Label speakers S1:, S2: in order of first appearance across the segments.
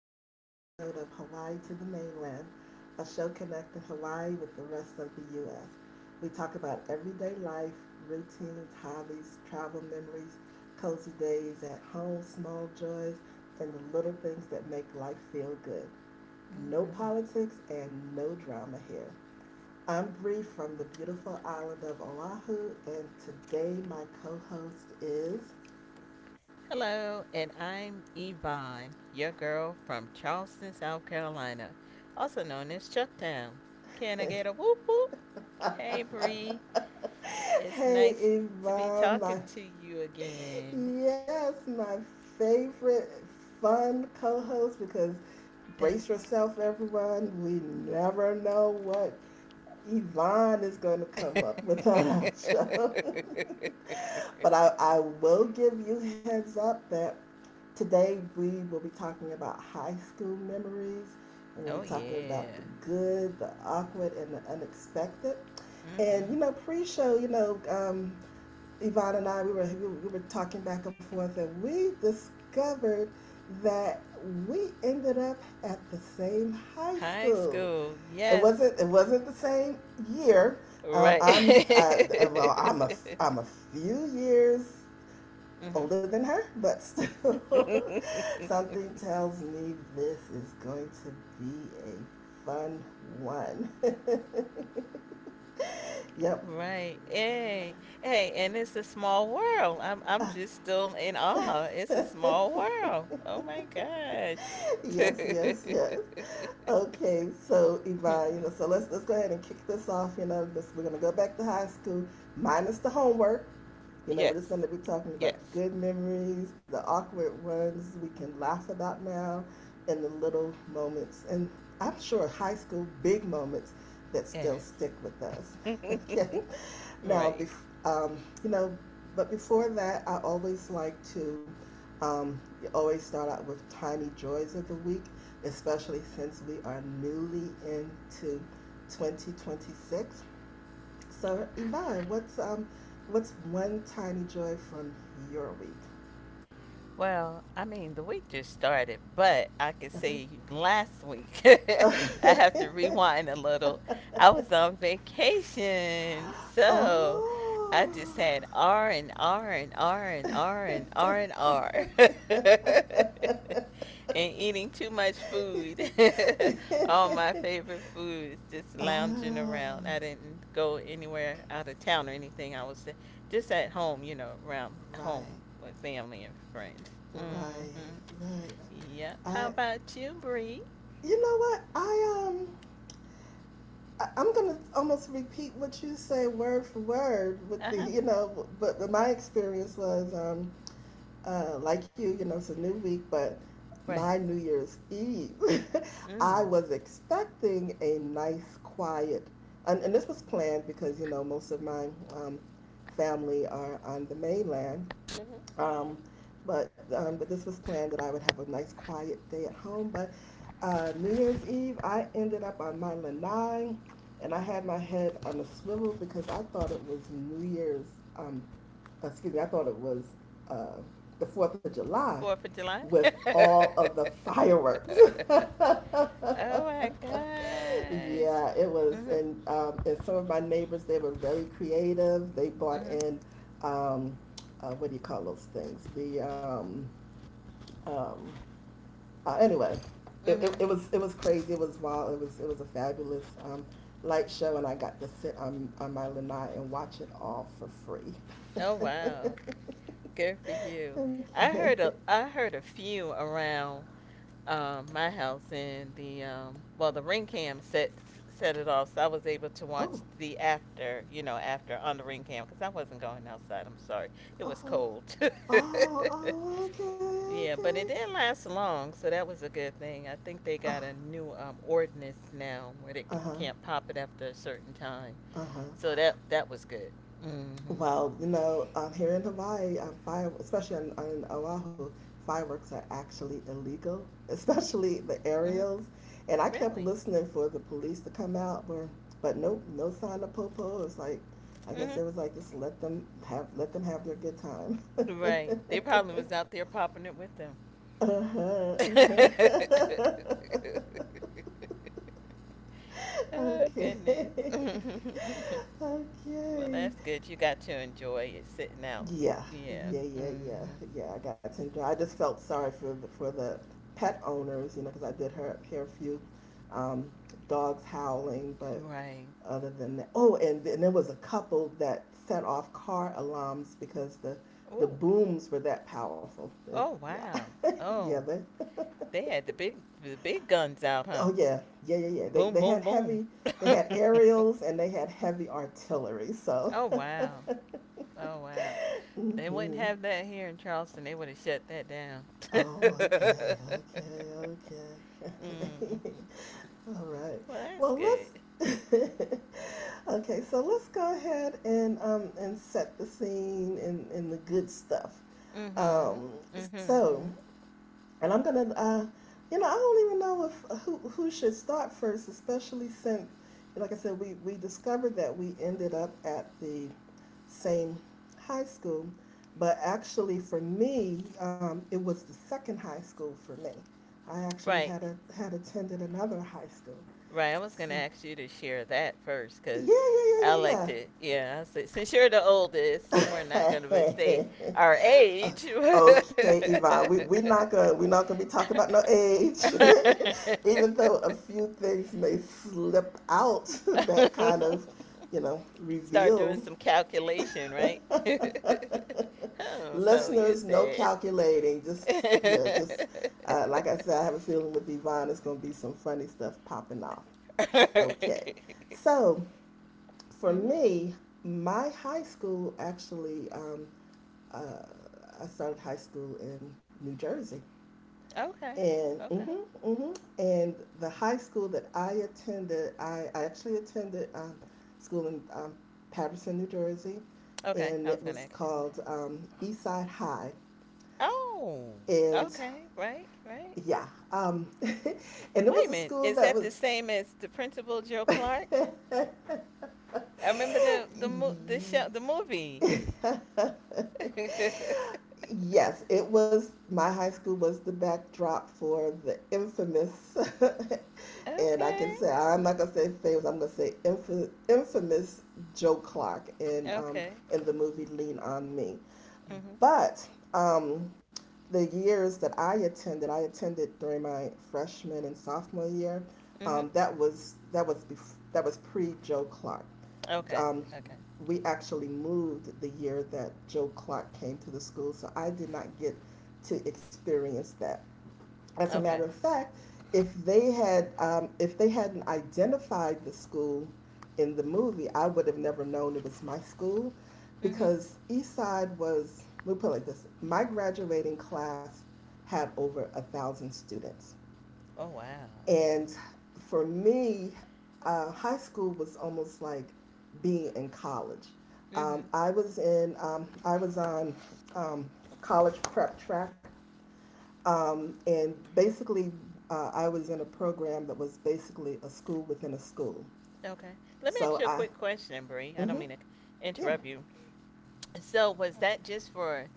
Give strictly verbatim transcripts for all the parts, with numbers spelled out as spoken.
S1: fun episode of Hawaii to the Mainland, a show connecting Hawaii with the rest of the U S. We talk about everyday life, routines, hobbies, travel memories, cozy days at home, small joys, and the little things that make life feel good. No
S2: hmm
S1: politics and no drama here. I'm Bree from the beautiful island of Oahu, and today my co host is.
S2: Hello, and I'm Yvonne, your girl from Charleston, South Carolina, also known as Chucktown. Can I get a whoop whoop? Hey, Bree, it's
S1: Hey,
S2: nice to be
S1: Yvonne, my
S2: talking to you again.
S1: yes, my favorite fun co-host because
S2: Th-
S1: brace yourself, everyone. We never know what Yvonne is going to come up with on our show. But I, I will give you heads up that today we will be talking about high school memories, and we'll
S2: oh,
S1: be talking about
S2: yeah.
S1: the good, the awkward, and the unexpected. And you
S2: Hmm.
S1: know, pre-show, you know, um, Yvonne and I, we were, we were- talking back and forth, and we discovered that we ended up at the same high
S2: High
S1: school.
S2: school,
S1: It
S2: yes,
S1: wasn't, it wasn't the same year. Um,
S2: right.
S1: I'm, uh, well, I'm a, I'm a few years
S2: Hmm.
S1: older than her, but still, something tells me this is going to be a fun one. Yep.
S2: Right. Hey. Hey, and it's a small world. I'm I'm just still in awe. It's a small world. Oh my gosh.
S1: Yes, yes, yes. Okay, so Yvonne, you know, so let's let's go ahead and kick this off. You know, this, we're gonna go back to high school, minus the homework. You know, we're just
S2: Yes.
S1: gonna be talking about the
S2: Yes.
S1: good memories, the awkward ones we can laugh about now, and the little moments, and I'm sure high school big moments that still
S2: Yes.
S1: stick with us. Okay, now,
S2: Right.
S1: bef- um, you know, but before that, I always like to um, you always start out with tiny joys of the week, especially since we are newly into twenty twenty-six. So, Yvonne, what's um, what's one tiny joy from your week?
S2: Well, I mean, the week just started, but I could say last week, I
S1: Uh-huh.
S2: have to rewind a little. I was on vacation, so
S1: Oh.
S2: I just had R and R and R and R and R and R. And eating too much food. All my favorite foods just lounging
S1: Oh,
S2: around. I didn't go anywhere out of town or anything. I was just at home, you know, around
S1: right.
S2: home with family and friends. Mm-hmm.
S1: Right, right.
S2: Yep. How
S1: I,
S2: about you, Bree?
S1: you know what? I um, I, I'm gonna almost repeat what you say word for word with
S2: Uh
S1: the,
S2: huh.
S1: you know, but but my experience was um, uh, like you, you know, it's a new week, but my
S2: Right.
S1: New Year's Eve, I
S2: Mm.
S1: was expecting a nice, quiet, and, and this was planned because you know most of my um, family are on the mainland.
S2: Mm-hmm. Mm-hmm.
S1: Um, but um, but this was planned that I would have a nice quiet day at home. But uh, New Year's Eve, I ended up on my lanai, and I had my head on a swivel because I thought it was New Year's um, uh, excuse me, I thought it was uh, the fourth of July
S2: Fourth of July.
S1: with all of the fireworks.
S2: Oh my gosh.
S1: Yeah, it was.
S2: Mhm.
S1: And, um, and some of my neighbors, they were very creative. They brought
S2: Mhm.
S1: in, um, uh, what do you call those things? The, um, um, uh, anyway, it, it,
S2: Mhm.
S1: it was it was crazy. It was wild. It was it was a fabulous um, light show, and I got to sit on, on my lanai and watch it all for
S2: Oh
S1: free.
S2: wow. Good for you. I
S1: Okay.
S2: heard a I heard a few around um, my house, and the um, well, the ring cam set set it off, so I was able to
S1: Oh.
S2: watch the after, you know, after on the ring cam because I wasn't going outside. I'm sorry, it was
S1: Oh.
S2: cold.
S1: Oh. Oh. Okay.
S2: Yeah, but
S1: Okay.
S2: it didn't last long, so that was a good thing. I think they
S1: Oh,
S2: got a new um, ordinance now where they
S1: uh
S2: c-
S1: huh.
S2: can't pop it after a certain time,
S1: Uh huh.
S2: so that that was good. Mm-hmm.
S1: Well, you know, um, here in Hawaii, um, fire, especially on, on Oahu, fireworks are actually illegal, especially the
S2: Mm-hmm.
S1: aerials. And I kept
S2: Really.
S1: listening for the police to come out, but but nope, no sign of Popo. It's like, I guess
S2: Mm-hmm.
S1: it was like just let them have let them have their good time.
S2: Right. They probably was out there popping it with them.
S1: Uh-huh, uh-huh.
S2: Oh
S1: Okay,
S2: goodness. Well,
S1: okay.
S2: that's good. You got to enjoy it sitting out.
S1: Yeah,
S2: Yeah.
S1: yeah, yeah, yeah,
S2: Hmm.
S1: yeah. I got taken. I just felt sorry for the, for the pet owners, you know, because I did hear, hear a few um, dogs howling, but
S2: Right.
S1: other than that, oh, and then there was a couple that set off car alarms because the the
S2: Oh.
S1: booms were that powerful. It,
S2: Oh
S1: yeah,
S2: wow.
S1: yeah,
S2: Oh,
S1: they.
S2: they had the big the big guns out, huh?
S1: Oh yeah, yeah, yeah, yeah. They
S2: Boom,
S1: they
S2: boom,
S1: had
S2: boom.
S1: heavy, they had aerials and they had heavy artillery. So.
S2: Oh wow. Oh wow. They wouldn't
S1: Hmm.
S2: have that here in Charleston. They would have shut that down.
S1: Oh, okay, okay, okay,
S2: hmm
S1: okay. All right.
S2: Well, that's
S1: Well,
S2: good.
S1: let's. Okay, so let's go ahead and um and set the scene and and the good stuff.
S2: Mhm.
S1: Um, so
S2: Mhm.
S1: and I'm gonna uh, you know, I don't even know if who who should start first, especially since, like I said, we we discovered that we ended up at the same high school. But actually, for me, um, it was the second high school for me. I actually
S2: Right.
S1: had a, had attended another high school.
S2: Right. I was
S1: So,
S2: gonna ask you to share that first, cause
S1: yeah,
S2: I like
S1: yeah,
S2: to. Yeah. I said since you're the oldest, we're not
S1: yeah,
S2: gonna be-
S1: yeah, yeah.
S2: say our
S1: Uh,
S2: age.
S1: okay, Yvonne, we we're not gonna we're not gonna be talking about no age, even though a few things may slip out that kind of, you know,
S2: Start
S1: reveal.
S2: doing some calculation, right? Oh, so
S1: Listeners,
S2: you
S1: no
S2: said.
S1: calculating. Just yeah, just uh, like I said, I have a feeling with Yvonne, it's going to be some funny stuff popping off. Okay, so for
S2: Mhm.
S1: me, my high school actually, um, uh, I started high school in New Jersey,
S2: Okay.
S1: and
S2: Okay.
S1: hmm hmm and the high school that I attended, I, I actually attended um, school in um, Patterson, New Jersey,
S2: Okay, I was
S1: and it
S2: gonna
S1: was
S2: ask you that.
S1: called um, Eastside High.
S2: Oh,
S1: And
S2: okay, right, right.
S1: yeah. Um, and it
S2: Wait a
S1: was a
S2: minute,
S1: school
S2: is that
S1: that
S2: the
S1: was.
S2: same as the principal Joe Clark? I remember the the mo- the show the movie. Okay,
S1: Yes, it was. My high school was the backdrop for the infamous, and I can
S2: okay.
S1: say I'm not gonna say famous. I'm gonna say inf- infamous Joe Clark in um, in the movie Lean on Me.
S2: Mhm,
S1: But um, the years that I attended, I attended during my freshman and sophomore year.
S2: mhm.
S1: Um, that was that was bef- that was pre Joe Clark.
S2: Okay,
S1: Um,
S2: okay,
S1: we actually moved the year that Joe Clark came to the school, so I did not get to experience that. As a matter
S2: okay,
S1: of fact, if they had um, if they hadn't identified the school in the movie, I would have never known it was my school
S2: mhm.
S1: because Eastside was we will put it like this: my graduating class had over a thousand students,
S2: Oh wow,
S1: and for me, uh, high school was almost like being in college. Um,
S2: mhm.
S1: I was in um, I was on um, college prep track um, and basically, uh, I was in a program that was basically a school within a school.
S2: Okay, let me ask
S1: So
S2: you a
S1: I,
S2: quick question, Bree. I don't
S1: hmm
S2: mean to
S1: yeah,
S2: interrupt you. So was that just for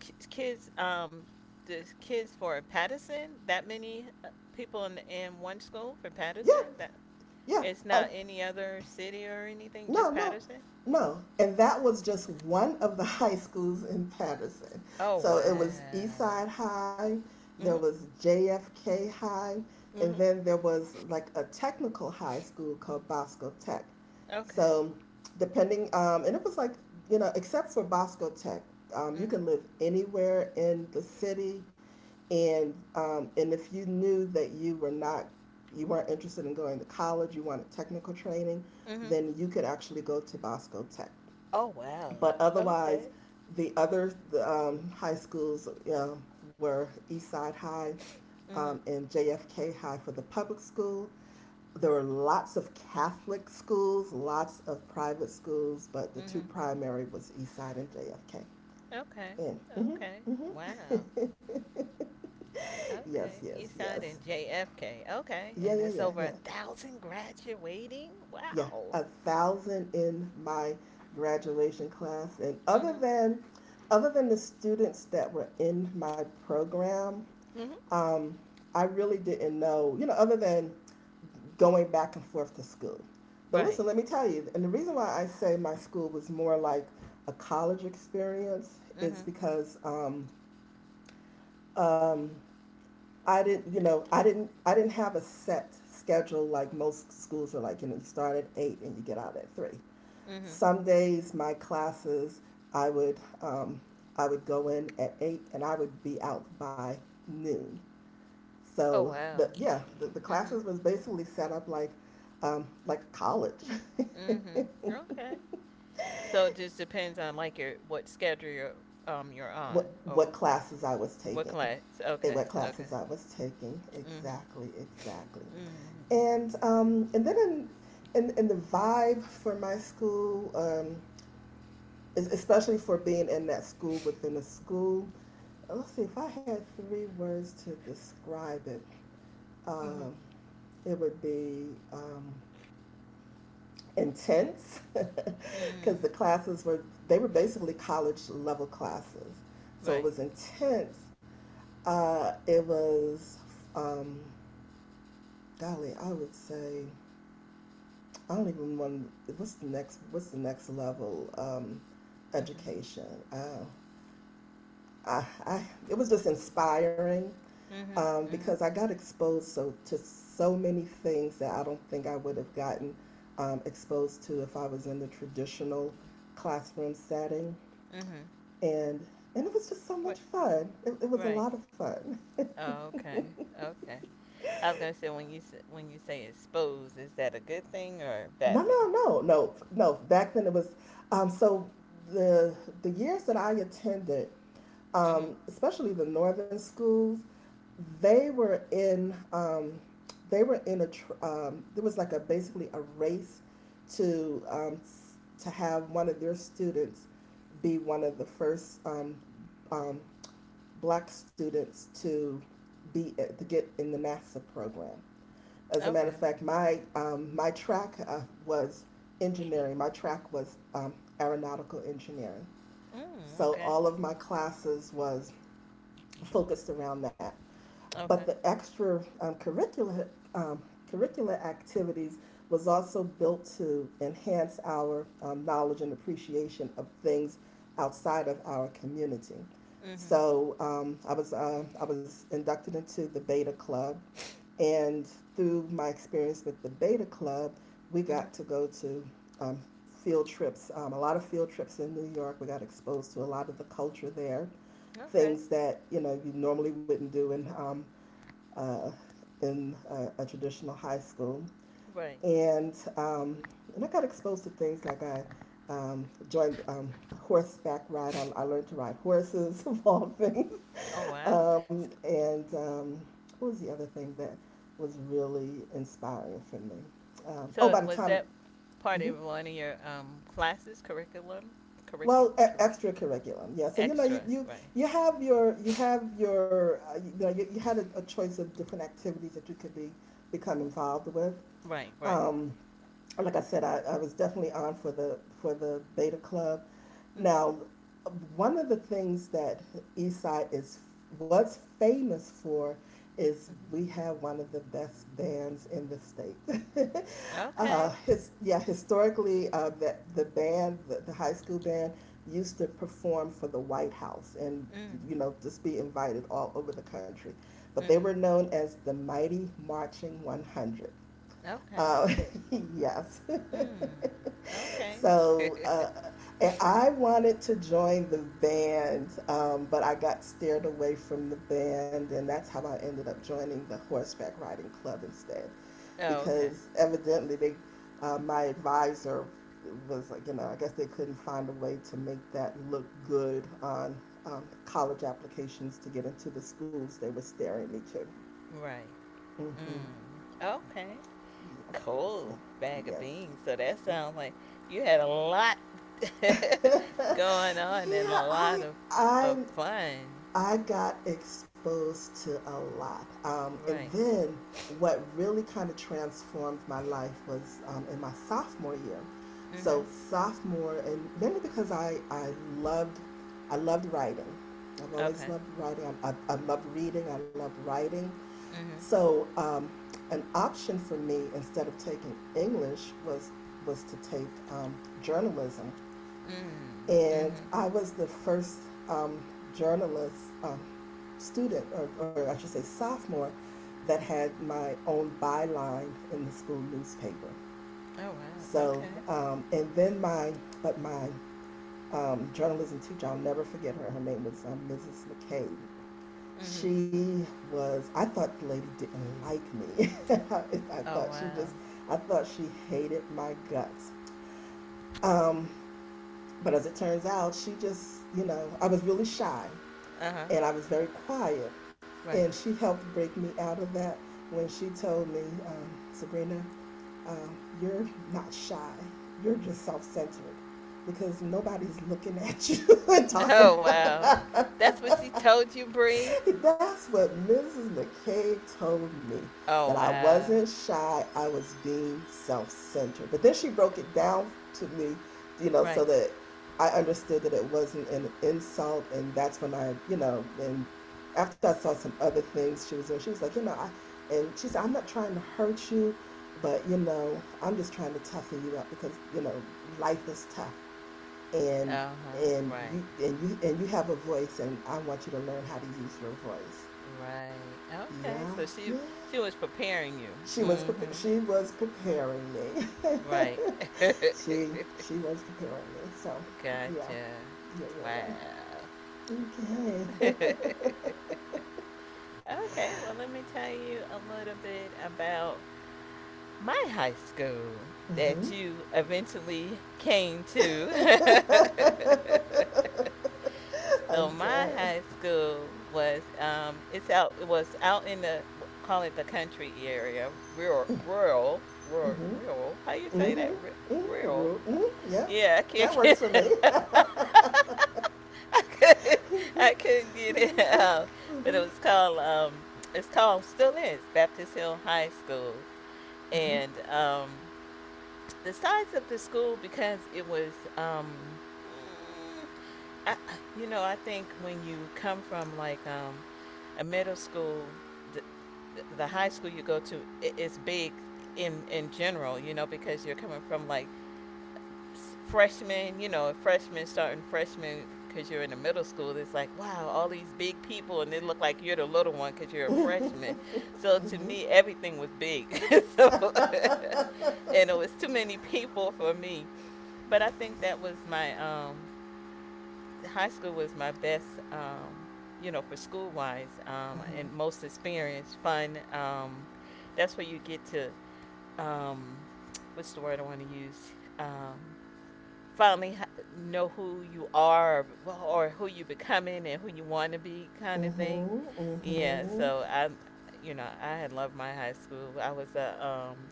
S2: k- kids? Um, the kids for Patterson? That many uh, people in in one school for
S1: yeah,
S2: Patterson? That
S1: yeah.
S2: it's not
S1: I,
S2: any other city or anything,
S1: no,
S2: just
S1: no,
S2: Patterson.
S1: no. And that was just one of the high schools in Patterson.
S2: Oh
S1: So
S2: wow.
S1: it was Eastside High, there
S2: Mhm.
S1: was J F K High, and
S2: Mhm.
S1: then there was like a technical high school called Bosco Tech.
S2: Okay.
S1: So depending, um, and it was like, you know, except for Bosco Tech, um, you
S2: Mhm.
S1: can live anywhere in the city. And, um, and if you knew that you were not, you weren't interested in going to college, you wanted technical training,
S2: Mhm.
S1: then you could actually go to Bosco Tech.
S2: Oh wow.
S1: But otherwise,
S2: Okay.
S1: the other um, high schools uh, were Eastside High um,
S2: Mhm.
S1: and J F K High for the public school. There were lots of Catholic schools, lots of private schools, but the two
S2: Mhm.
S1: primary was Eastside and J F K.
S2: Okay.
S1: And
S2: Okay.
S1: mm-hmm,
S2: Wow.
S1: mm-hmm. Yes,
S2: Okay,
S1: yes,
S2: Eastside
S1: yes.
S2: and J F K. Okay,
S1: Yeah,
S2: and
S1: yeah,
S2: it's
S1: yeah,
S2: over a
S1: yeah,
S2: thousand graduating.
S1: yeah,
S2: Wow.
S1: a thousand in my graduation class. And other
S2: Mhm.
S1: than other than the students that were in my program,
S2: Mhm.
S1: um, I really didn't know, you know, other than going back and forth to school. But
S2: Right.
S1: listen, let me tell you, and the reason why I say my school was more like a college experience is
S2: Mhm.
S1: because um, I didn't, you know, I didn't, I didn't have a set schedule like most schools are like. You know, you start at eight and you get out at three.
S2: Mhm.
S1: Some days my classes, I would um, I would go in at eight and I would be out by noon.
S2: Oh
S1: So the
S2: wow.
S1: yeah, the, the classes
S2: Mhm.
S1: was basically set up like um, like college.
S2: Mhm. Okay. So it just depends on like your what schedule you're um you're
S1: what
S2: on or what
S1: what classes I was
S2: what
S1: taking,
S2: class.
S1: and what
S2: Okay.
S1: classes
S2: Okay.
S1: I was taking
S2: Mhm.
S1: exactly exactly,
S2: Mhm.
S1: and um, and then in, in in the vibe for my school, um, especially for being in that school within a school. Let's see, if I had three words to describe it,
S2: Mhm.
S1: um, it would be um, intense because the
S2: Mhm.
S1: classes were, they were basically college level classes. So
S2: Right.
S1: it was intense. Uh, it was, um, golly, I would say, I don't even want, what's the next, what's the next level um,
S2: Mhm.
S1: education? Uh, I, I, it was just inspiring
S2: Mhm.
S1: um, because
S2: Mhm.
S1: I got exposed so to so many things that I don't think I would have gotten um, exposed to if I was in the traditional classroom setting,
S2: Mhm.
S1: and and it was just so much
S2: What?
S1: fun. It, it was a
S2: Right.
S1: lot of fun.
S2: Oh, okay. Okay. I was gonna say when you s- when you say exposed, is that a good thing or a
S1: No,
S2: bad thing?
S1: no, no, no, no. Back then it was um, so the the years that I attended,
S2: Hmm.
S1: um, especially the northern schools, they were in um, they were in a tr- um, there was like a basically a race to um, s- to have one of their students be one of the first um, um, black students to be to get in the NASA program. As a matter of
S2: Okay.
S1: fact, my um, my track uh, was engineering. My track was um, aeronautical engineering.
S2: Mm,
S1: So
S2: okay.
S1: all of my classes was focused around that. But the
S2: Okay.
S1: extra um, curricular um, curricular activities was also built to enhance our um, knowledge and appreciation of things outside of our community.
S2: Mhm.
S1: So um, I was uh, I was inducted into the Beta Club. And through my experience with the Beta Club, we
S2: Mhm.
S1: got to go to um, field trips, um, a lot of field trips in New York. We got exposed to a lot of the culture there,
S2: Okay.
S1: things that you know you normally wouldn't do in um, uh, in a, a traditional high school.
S2: Right.
S1: And um, and I got exposed to things like I um, joined um, horseback ride. I, I learned to ride horses of all things.
S2: Oh wow.
S1: Um,
S2: S-
S1: and um, what was the other thing that was really inspiring for me? Um, oh,
S2: So
S1: by the
S2: was
S1: time,
S2: that part
S1: mhm.
S2: of one of your um classes curriculum?
S1: Well,
S2: Curriculum.
S1: e-
S2: Curri-
S1: extra. Yeah. So you know, you,
S2: extra.
S1: you
S2: Right.
S1: you have your you have your uh, you know you, you had a, a choice of different activities that you could be become involved with.
S2: Right. Right.
S1: Um, like I said, I, I was definitely on for the for the Beta Club.
S2: Mhm.
S1: Now, one of the things that Eastside is was famous for is
S2: Mhm.
S1: we have one of the best bands in the state. uh,
S2: Okay.
S1: his, yeah, historically, uh, the, the band, the, the high school band used to perform for the White House and,
S2: Mm.
S1: you know, just be invited all over the country. But they
S2: Mhm.
S1: were known as the Mighty Marching one hundred.
S2: Okay.
S1: Uh, yes.
S2: Mm. Okay.
S1: So uh, and I wanted to join the band, um, but I got steered away from the band, and that's how I ended up joining the horseback riding club instead,
S2: Oh, okay.
S1: because evidently they, uh, my advisor was like, you know, I guess they couldn't find a way to make that look good on um, college applications to get into the schools they were staring me to.
S2: Right.
S1: Hmm.
S2: Mm. Okay.
S1: Yes,
S2: Cold bag of
S1: yes,
S2: beans. So that
S1: yes,
S2: sounds like you had a lot
S1: yeah,
S2: going on and a lot
S1: I
S2: of of
S1: I
S2: fun.
S1: I got exposed to a lot, um, and
S2: Right.
S1: then what really kind of transformed my life was um, in my sophomore year. So
S2: Mhm.
S1: sophomore, and mainly because I I loved, I loved writing. I've always
S2: Okay.
S1: loved writing. I I, I love reading. I love writing.
S2: Mhm.
S1: So um, an option for me instead of taking English was was to take um, journalism,
S2: Mm.
S1: and
S2: Mhm.
S1: I was the first um, journalist um, student, or, or I should say sophomore, that had my own byline in the school newspaper.
S2: Oh wow.
S1: So,
S2: Okay.
S1: um, and then my, but my um, journalism teacher, I'll never forget her. Her name was um, Missus McCabe.
S2: Mhm.
S1: She was, I thought the lady didn't like me. I I
S2: Oh
S1: thought she just,
S2: wow.
S1: I thought she hated my guts. Um, but as it turns out, she just, you know, I was really shy,
S2: Uh huh.
S1: and I was very quiet. And
S2: Right.
S1: she helped break me out of that when she told me, um, Sabrina, um, you're not shy. You're just self centered because nobody's looking at you and talking
S2: Oh
S1: about.
S2: wow. That's what she told you, Bree.
S1: That's what Missus McCabe told me. That
S2: Oh,
S1: I
S2: uh,
S1: wasn't shy, I was being self centered. But then she broke it down to me, you know, so
S2: right.
S1: that I understood that it wasn't an insult. And that's when I, you know, and after I saw some other things she was doing, she was like, you know, I, and she said, I'm not trying to hurt you, but, you know, I'm just trying to toughen you up because, you know, life is tough, and
S2: Uh huh.
S1: and
S2: Right.
S1: you and you and you have a voice, and I want you to learn how to use your voice.
S2: Right.
S1: Yeah,
S2: Okay. So she
S1: yeah.
S2: she was preparing you.
S1: She was prep-
S2: Mm-hmm.
S1: she was preparing me.
S2: Right.
S1: she she was preparing me. So yeah,
S2: Gotcha.
S1: yeah,
S2: Wow.
S1: yeah, yeah. Okay.
S2: Okay. Well, let me tell you a little bit about my high school that
S1: Mhm.
S2: you eventually came to. So my
S1: Okay.
S2: high school was um, it's out it was out in the, call it, the country area, rural, rural, rural,
S1: Mhm.
S2: rural. How you say that?
S1: Mhm.
S2: Ru-
S1: Mhm.
S2: rural.
S1: Rule. Mhm. Yep.
S2: Yeah, I can't
S1: That
S2: get,
S1: works for me.
S2: I couldn't I couldn't get it out, but it was called um it's called still is Baptist Hill High School, and um the size of the school because it was um. Mm, I, you know, I think when you come from like um, a middle school, the, the high school you go to i- is big in in general, you know, because you're coming from like s- freshmen, you know, freshmen starting freshmen because you're in the middle school. It's like wow, all these big people, and they look like you're the little one because you're a freshman. So to me, everything was big. So, and it was too many people for me. But I think that was my um high school was my best, um, you know, for school wise, um, and most experience, fun. Um, that's where you get to, um, what's the word I want to use? Um, finally ha- know who you are, or, well, or who you're becoming and who you want to be, kind of thing.
S1: Mhm.
S2: Yeah,
S1: Mhm.
S2: so I, you know, I had loved my high school. I was a um,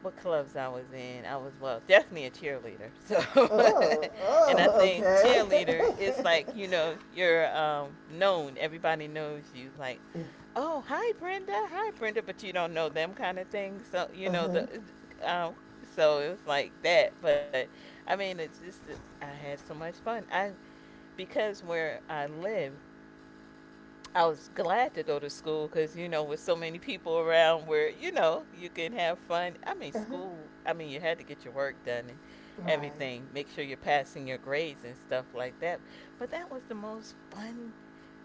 S2: What clubs I was in? I was, well, definitely a cheerleader. So,
S1: Oh,
S2: and I
S1: oh,
S2: think cheerleader, it's
S1: okay.
S2: like you know you're um, known. Everybody knows you. Like, oh hi Brenda, hi Brenda, but you don't know them, kind of thing. So you
S1: Uh
S2: know
S1: huh.
S2: the, um, so it was like that. But I mean, it's just I had so much fun. I Because where I live, I was glad to go to school because you know with so many people around where you know you can have fun. I mean
S1: Uh huh.
S2: school. I mean you had to get your work done and
S1: Right.
S2: everything. Make sure you're passing your grades and stuff like that. But that was the most fun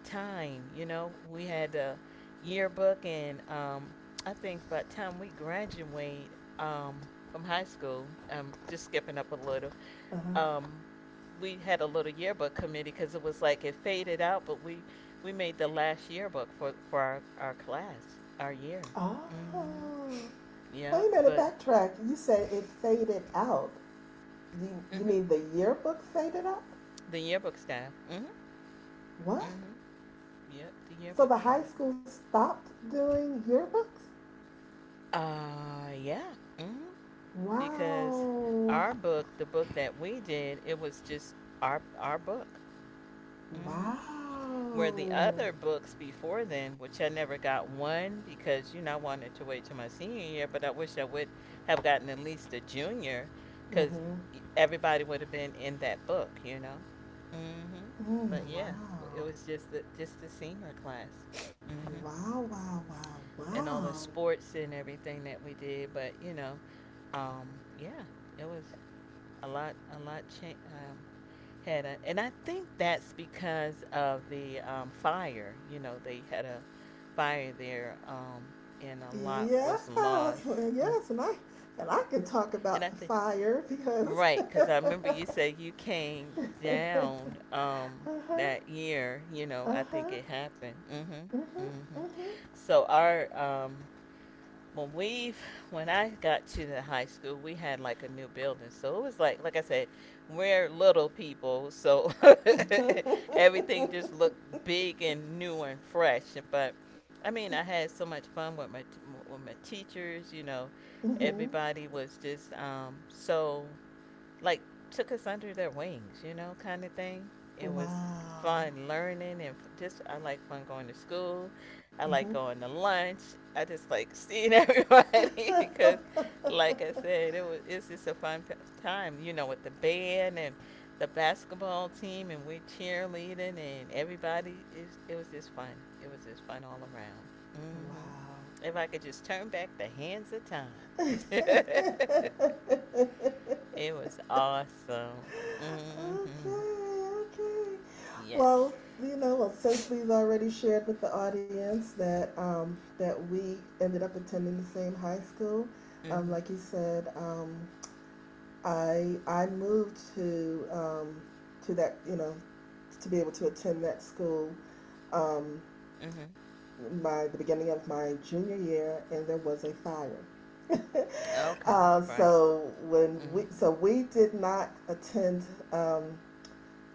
S2: time. You know we had a yearbook, and um, I think by the time we graduate um, from high school, I'm just skipping up a little,
S1: Uh
S2: um, we had a little yearbook committee because it was like it faded out, but we we made the last yearbook for for our our class, our year.
S1: huh.
S2: Mhm.
S1: Oh.
S2: Yeah,
S1: Wait a minute.
S2: but
S1: Backtrack. You said it faded out. You you
S2: mhm.
S1: mean the yearbook faded out?
S2: The yearbook staff. Mhm.
S1: What?
S2: Mhm. Yep, the
S1: So
S2: yearbook
S1: the high
S2: staff.
S1: school stopped doing yearbooks?
S2: Uh, yeah. Mhm. Because
S1: Wow.
S2: our book, the book that we did, it was just our our book. Mhm. Where the
S1: Wow.
S2: other books before then, which I never got one because you know I wanted to wait till my senior year, but I wish I would have gotten at least a junior because
S1: Mhm.
S2: everybody would have been in that book, you know. Mm hmm.
S1: Mm,
S2: But yeah, w- it
S1: wow.
S2: was just the just the senior class, mm hmm,
S1: Wow. Wow. Wow.
S2: and all
S1: Wow.
S2: the sports and everything that we did. But you know, um, yeah, it was a lot, a lot cha- um, had a, and I think that's because of the um, fire. You know, they had a fire there, um, and a lot
S1: Yes,
S2: was
S1: well,
S2: lost. Mm.
S1: yes, and I and I can talk
S2: And
S1: about
S2: I
S1: the
S2: think
S1: fire because
S2: right, because I remember you said you came down um,
S1: uh huh,
S2: that year. You know,
S1: uh
S2: I think
S1: huh,
S2: it happened. hmm hmm
S1: uh
S2: So our um, when we when I got to the high school, we had like a new building. So it was like like I said, we're little people, so everything just looked big and new and fresh. But I mean, I had so much fun with my with my teachers, you know.
S1: huh.
S2: Everybody was just um so like took us under their wings, you know, kind of thing. It was
S1: Wow.
S2: fun learning, and just I like fun going to school. I
S1: Hmm.
S2: like going to lunch. I just like seeing everybody because, like I said, it was it's just a fun p- time, you know, with the band and the basketball team and we cheerleading, and everybody is it was just fun. It was just fun all around. Mhm.
S1: Wow.
S2: If I could just turn back the hands of time.
S1: Okay,
S2: It was awesome. Mm-hmm.
S1: okay.
S2: Yes.
S1: Well, you know, well, since we've already shared with the audience that um, that we ended up attending the same high school, um,
S2: Mm-hmm.
S1: like you said, um, I I moved to um, to that, you know, to be able to attend that school um,
S2: Mm-hmm.
S1: my the beginning of my junior year, and there was a fire.
S2: Okay.
S1: Uh,
S2: Right.
S1: so when we
S2: Mm-hmm.
S1: so we did not attend um,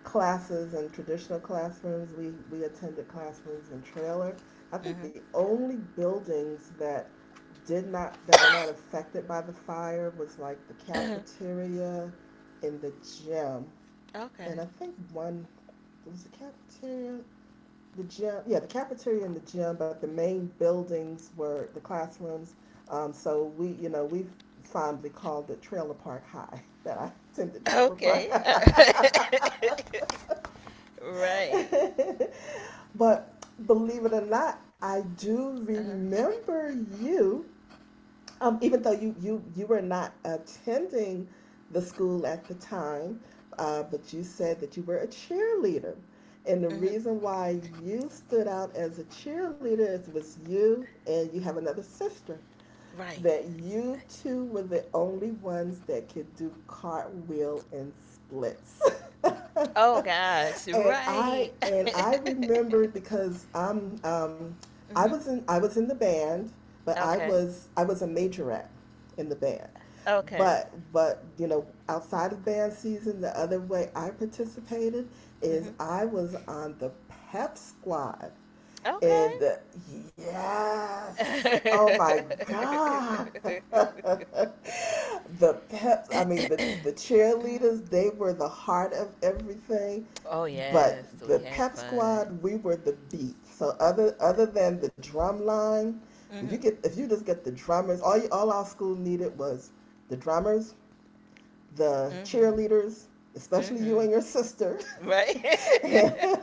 S1: classes in traditional classrooms. We we attended classrooms in trailer. I think the only buildings that did not that were not affected by the fire was like the
S2: Mm-hmm.
S1: cafeteria in the gym,
S2: Okay.
S1: and I think one there was a cafeteria, the gym. Yeah, the cafeteria and the gym, but the main buildings were the classrooms. Um, so we, you know, we've fondly called it Trailer Park High. That I attended Trailer
S2: Okay.
S1: Park High.
S2: Right.
S1: But believe it or not, I do
S2: Uh-huh.
S1: remember you, um, even though you, you, you were not attending the school at the time, uh, but you said that you were a cheerleader. And the
S2: Mm-hmm.
S1: reason why you stood out as a cheerleader is it was you and you have another sister
S2: Right.
S1: that you two were the only ones that could do cartwheel and splits.
S2: Oh gosh.
S1: And I
S2: Right.
S1: and I remember because I'm um, I
S2: Mm-hmm.
S1: was in I was in the band, but I
S2: Okay.
S1: was I was a majorette in the band.
S2: Okay.
S1: But but you know outside of band season, the other way I participated is
S2: Mm-hmm.
S1: I was on the pep squad, and uh, yes, oh my God. The peps, I mean, the,
S2: Okay.
S1: the cheerleaders, they were the heart of everything.
S2: Oh
S1: But
S2: yes, so we
S1: the
S2: had
S1: pep
S2: fun.
S1: squad, we were the beat. So other other than the drum line, you
S2: Mhm.
S1: get if you just get the drummers, all you, all our school needed was the drummers, the
S2: Mhm.
S1: cheerleaders, especially you
S2: Mhm.
S1: and your sister,
S2: Right.
S1: and,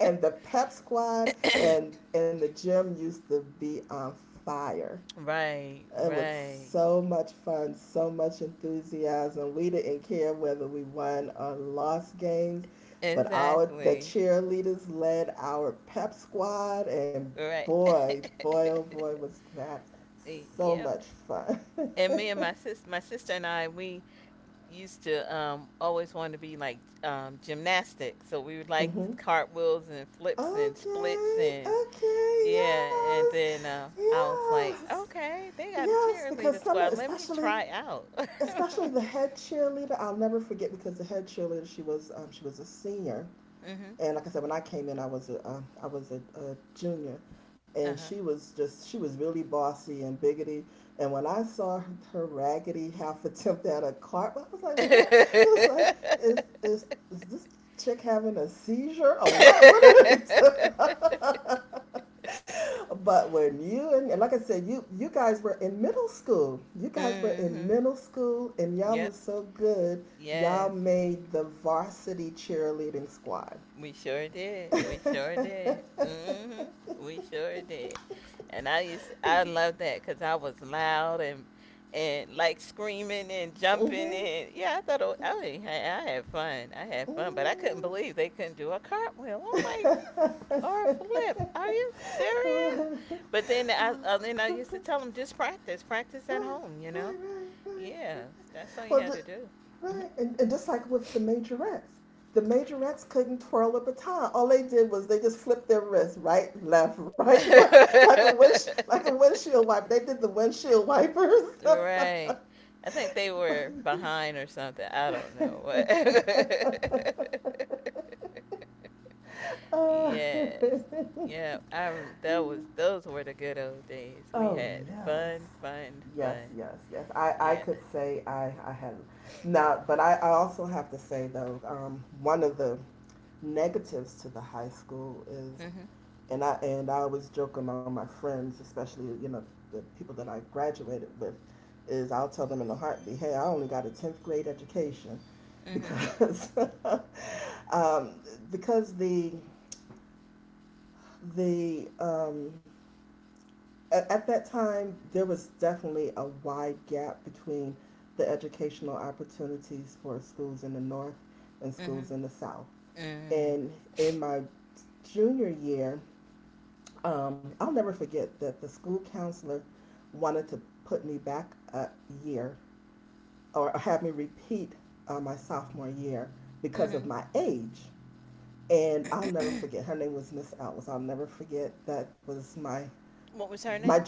S1: and the pep squad, and and the gym used to be on fire.
S2: Right.
S1: It was
S2: Right.
S1: so much fun, so much enthusiasm. We didn't care whether we won or lost games, but our the
S2: Exactly.
S1: cheerleaders led our pep squad, and
S2: Right.
S1: boy, boy oh boy, was that
S2: Y-
S1: so
S2: yeah.
S1: much fun.
S2: And me and my sis, my sister and I, we used to um always want to be like um gymnastics. So we would like
S1: Hmm.
S2: the cartwheels and flips and splits
S1: Okay,
S2: and.
S1: okay,
S2: Yeah, and
S1: yes,
S2: then uh, I was like,
S1: yes.
S2: okay, they got a
S1: Yes, because
S2: cheerleader
S1: some,
S2: squad. Let me
S1: especially,
S2: try out.
S1: especially the head cheerleader, I'll never forget, because the head cheerleader, she was, um, she was a senior,
S2: Mm-hmm.
S1: and like I said, when I came in, I was a, uh, I was a, a junior,
S2: Uh
S1: and
S2: huh.
S1: she was just, she was really bossy and biggity, and when I saw her, her raggedy half attempt at a cart, I was like, what? It was like, is, is, is this chick having a seizure or what? What are they doing? But when you and like I said, you you guys were in middle school. You guys were in
S2: Mhm.
S1: middle school, and y'all were
S2: Yep.
S1: so good. Y'all
S2: Yes.
S1: made the varsity cheerleading squad.
S2: We sure did. We sure did. hmm We sure did. And I used I love that because I was loud and and like screaming and jumping
S1: Hmm.
S2: and yeah, I thought it, wa- I mean, I I had fun. I had fun, but I couldn't believe they couldn't do a cartwheel. Oh my,
S1: Right,
S2: or a flip. Are you serious?
S1: right,
S2: But then I uh, then I used to tell them just practice, practice at
S1: right,
S2: home. You know?
S1: right, right.
S2: Yeah, that's all you
S1: Well,
S2: had
S1: the,
S2: to do. Mm-hmm.
S1: right, and, and just like with the majorettes, the majorettes couldn't twirl a baton. All they did was they just flipped their wrists, right, left, right, like a wish, like a windshield wiper. They did the windshield wipers.
S2: right. I think they were behind or something. I don't know. What.
S1: Uh,
S2: yes. Yeah, I rem- that was those were the good old days. We
S1: oh
S2: had fun,
S1: yes,
S2: fun,
S1: yes,
S2: fun.
S1: yes, yes. I I
S2: Yeah.
S1: could say I I had now, but I I also have to say though, um, one of the negatives to the high school is,
S2: Mhm.
S1: and I and I always joke among my friends, especially you know the people that I graduated with, is I'll tell them in a heartbeat, hey, I only got a tenth grade education,
S2: Mhm.
S1: because um, because the the um, at, at that time there was definitely a wide gap between the educational opportunities for schools in the north and schools
S2: Mhm.
S1: in the south,
S2: Mhm.
S1: and in my junior year, um, I'll never forget that the school counselor wanted to put me back a year or have me repeat uh, my sophomore year because of
S2: Mhm.
S1: my age. And I'll never forget. Her name was Miss Ellis. I'll never forget. That was my
S2: What was her
S1: my
S2: name?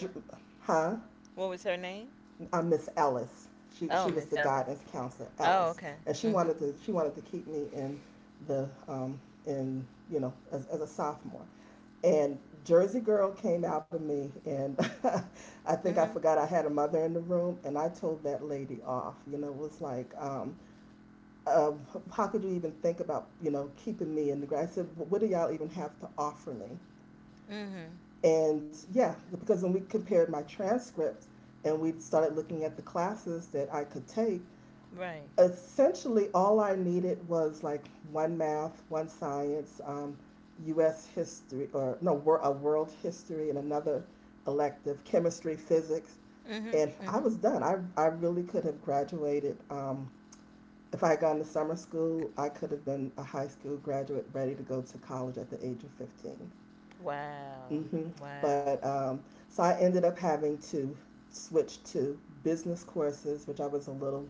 S1: huh
S2: What was her name?
S1: uh, Miss Ellis. She she
S2: Oh,
S1: was the
S2: Miss Ellis.
S1: guidance counselor
S2: Oh,
S1: Ellis,
S2: okay.
S1: and she
S2: Mhm.
S1: wanted to, she wanted to keep me in the um, in you know, as, as a sophomore. And Jersey Girl came out of me, and I think I
S2: Mhm.
S1: forgot I had a mother in the room, and I told that lady off. You know, it was like, um, uh, how could you even think about, you know, keeping me in the grade? I said, well, what do y'all even have to offer me?
S2: Mhm.
S1: And yeah, because when we compared my transcripts and we started looking at the classes that I could take,
S2: Right.
S1: essentially all I needed was like one math, one science, um, U S history, or no, a world history, and another elective, chemistry, physics.
S2: Mhm.
S1: And I
S2: Mhm.
S1: was done. I, I really could have graduated. Um, if I had gone to summer school, I could have been a high school graduate ready to go to college at the age of fifteen.
S2: Wow.
S1: hmm
S2: Wow.
S1: But
S2: But
S1: um,
S2: um,
S1: so I ended up
S2: so
S1: having to switch to business courses, which I was a little,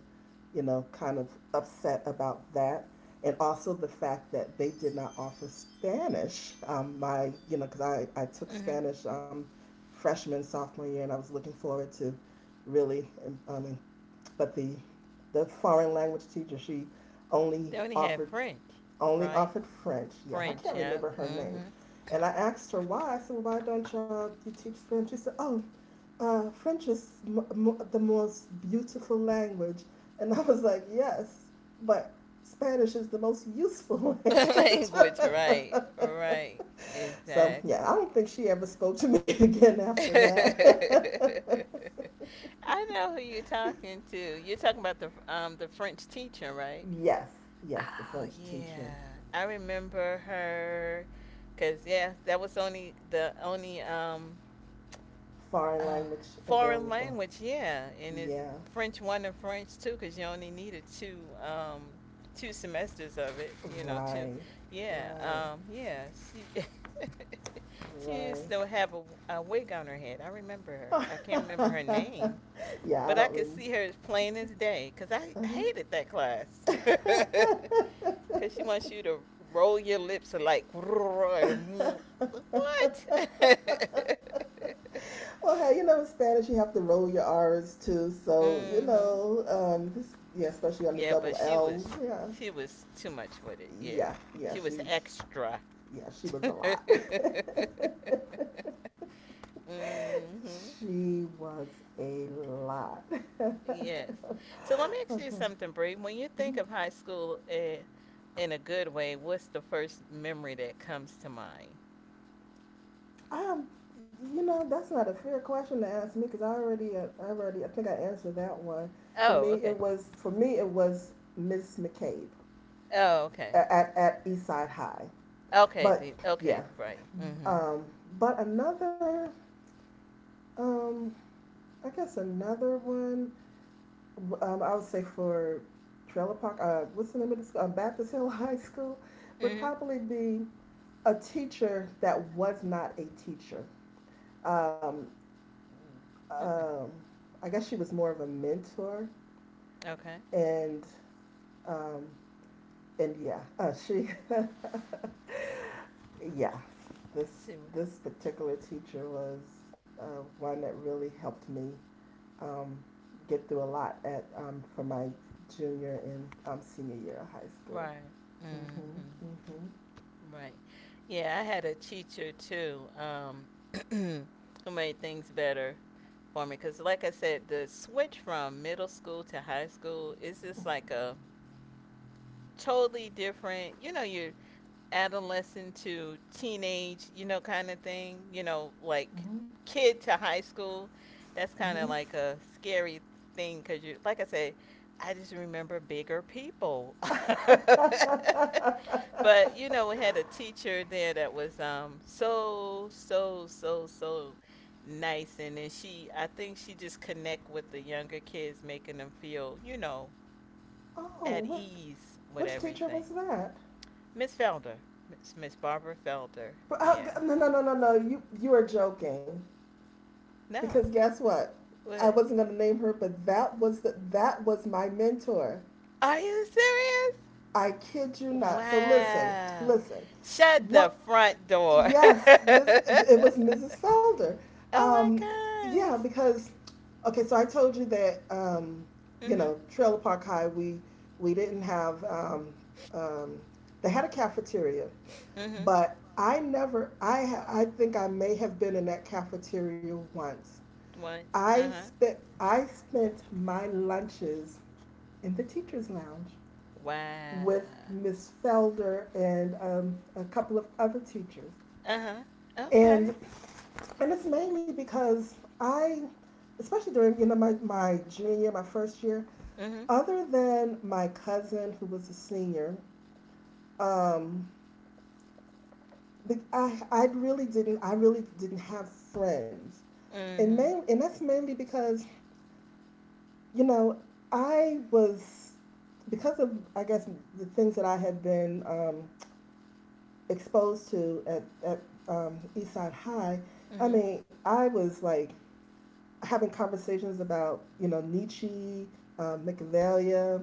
S1: you know, kind of upset about that. And also the fact that they
S2: they
S1: did not offer Spanish. Um, my, you know, because I, I took
S2: Um, Mhm. um,
S1: Spanish um, freshman, sophomore year, and I was looking forward to really, um, I mean, but the the foreign language teacher, she only
S2: They only had
S1: offered
S2: French,
S1: only
S2: right?
S1: offered French. Yeah, I
S2: French,
S1: can't
S2: French, yeah.
S1: remember her name.
S2: Mhm.
S1: And I asked her why. I said, well, "Why don't y'all you teach French?" She said, "Oh, uh, French is m- m- the most beautiful language." And I was like, "Yes, but Spanish is the most useful language."
S2: language, right, right,
S1: so yeah, I
S2: exactly.
S1: don't think she ever spoke to me again after that.
S2: I know who you're talking to. You're talking about the um the French teacher, right?
S1: yes, yes, the
S2: Oh
S1: French teacher,
S2: yeah, I remember her. Cause yeah, that was only the only um
S1: foreign
S2: uh,
S1: language
S2: foreign
S1: available.
S2: language, yeah, and it's
S1: Yeah,
S2: French one and French two because you only needed two um two semesters of it, you know, two.
S1: right,
S2: Yeah,
S1: right,
S2: um, yeah, she she used to
S1: right.
S2: have a, a wig on her head. I remember her. I can't remember
S1: yeah,
S2: her name, but
S1: I
S2: I
S1: don't
S2: could
S1: really.
S2: see her as plain as day because I hated
S1: Uh-huh.
S2: that class. Because she wants you to roll your lips like what?
S1: well, hey, you know, in Spanish, you have to roll your R's too. So, you
S2: mm-hmm.
S1: know, um, this, yeah, especially on the
S2: Yeah,
S1: double
S2: but she
S1: L.
S2: was
S1: Yeah.
S2: she was too much with it. Yeah,
S1: Yeah. Yeah.
S2: she
S1: She,
S2: was extra.
S1: yeah, she was a
S2: hmm
S1: lot. she was a lot.
S2: Yes. So let me ask you
S1: okay.
S2: something, Bree. When you think
S1: Mhm.
S2: of high school uh, in a good way, what's the first memory that comes to mind?
S1: Um, you know, that's not a fair question to ask me because I already, uh, I already, I think I answered that one. For
S2: Oh,
S1: me,
S2: okay.
S1: it was for me it was Miss McCabe
S2: Oh, okay.
S1: at at, at Eastside High.
S2: Okay.
S1: But
S2: The,
S1: yeah,
S2: okay. Right. Mhm.
S1: um, but another, um, I guess another one. Um, I would say for Trailer Park, uh, what's the name of the school? Uh, Baptist Hill High School
S2: Mhm.
S1: would
S2: Mm.
S1: probably be a teacher that was not a teacher. Um,
S2: hmm
S1: um, I guess she was more of a mentor,
S2: Okay.
S1: and um, and yeah, uh, she yeah, this
S2: See. What-
S1: this particular teacher was uh, one that really helped me um, get through a lot at um, for my junior and um, senior year of high school.
S2: Right. Mhm.
S1: Mm-hmm,
S2: Right. Yeah, I had a teacher too um, who made things better for me. Because, like I said, the switch from middle school to high school is just like a totally different, you know, your adolescent to teenage, you know, kind of thing. You know, like
S1: mm-hmm, mm-hmm,
S2: kid to high school. That's kind of
S1: mm-hmm.
S2: like a scary thing because you, like I said, I just remember bigger people. But you know, we had a teacher there that was um so so so so nice, and then she, I think she just connect with the younger kids, making them feel, you know,
S1: Oh,
S2: at
S1: what
S2: ease with
S1: which teacher
S2: everything.
S1: was that?
S2: Miss Felder, Miss Miss Barbara Felder,
S1: But, uh,
S2: yeah.
S1: no, no, no, no, no. You you are joking.
S2: No,
S1: Because guess what? I
S2: what?
S1: wasn't going to name her, but that was the, that was my mentor.
S2: Are you serious?
S1: I kid you not. So listen,
S2: Wow!
S1: listen.
S2: Shut the
S1: What?
S2: front door.
S1: Yes, Miss, it was Missus Felder.
S2: oh
S1: Um,
S2: my
S1: yeah,
S2: gosh!
S1: because okay. So I told you that um, you
S2: Mhm.
S1: know Trailer Park High. We we didn't have um, um, they had a cafeteria,
S2: Mhm.
S1: but I never. I I think I may have been in that cafeteria once.
S2: Once.
S1: I
S2: Uh huh.
S1: spent I spent my lunches in the teachers' lounge
S2: Wow.
S1: with Miss Felder and um, a couple of other teachers,
S2: Uh huh. Okay.
S1: and and it's mainly because I, especially during you know my my junior my first year,
S2: Mhm.
S1: other than my cousin who was a senior, um, I I really didn't I really didn't have friends, and main
S2: Mhm.
S1: and that's mainly because you know, I was because of I guess the things that I had been um, exposed to at at um, Eastside High. I
S2: Mhm.
S1: mean, I was like having conversations about you know Nietzsche, um, Machiavelli,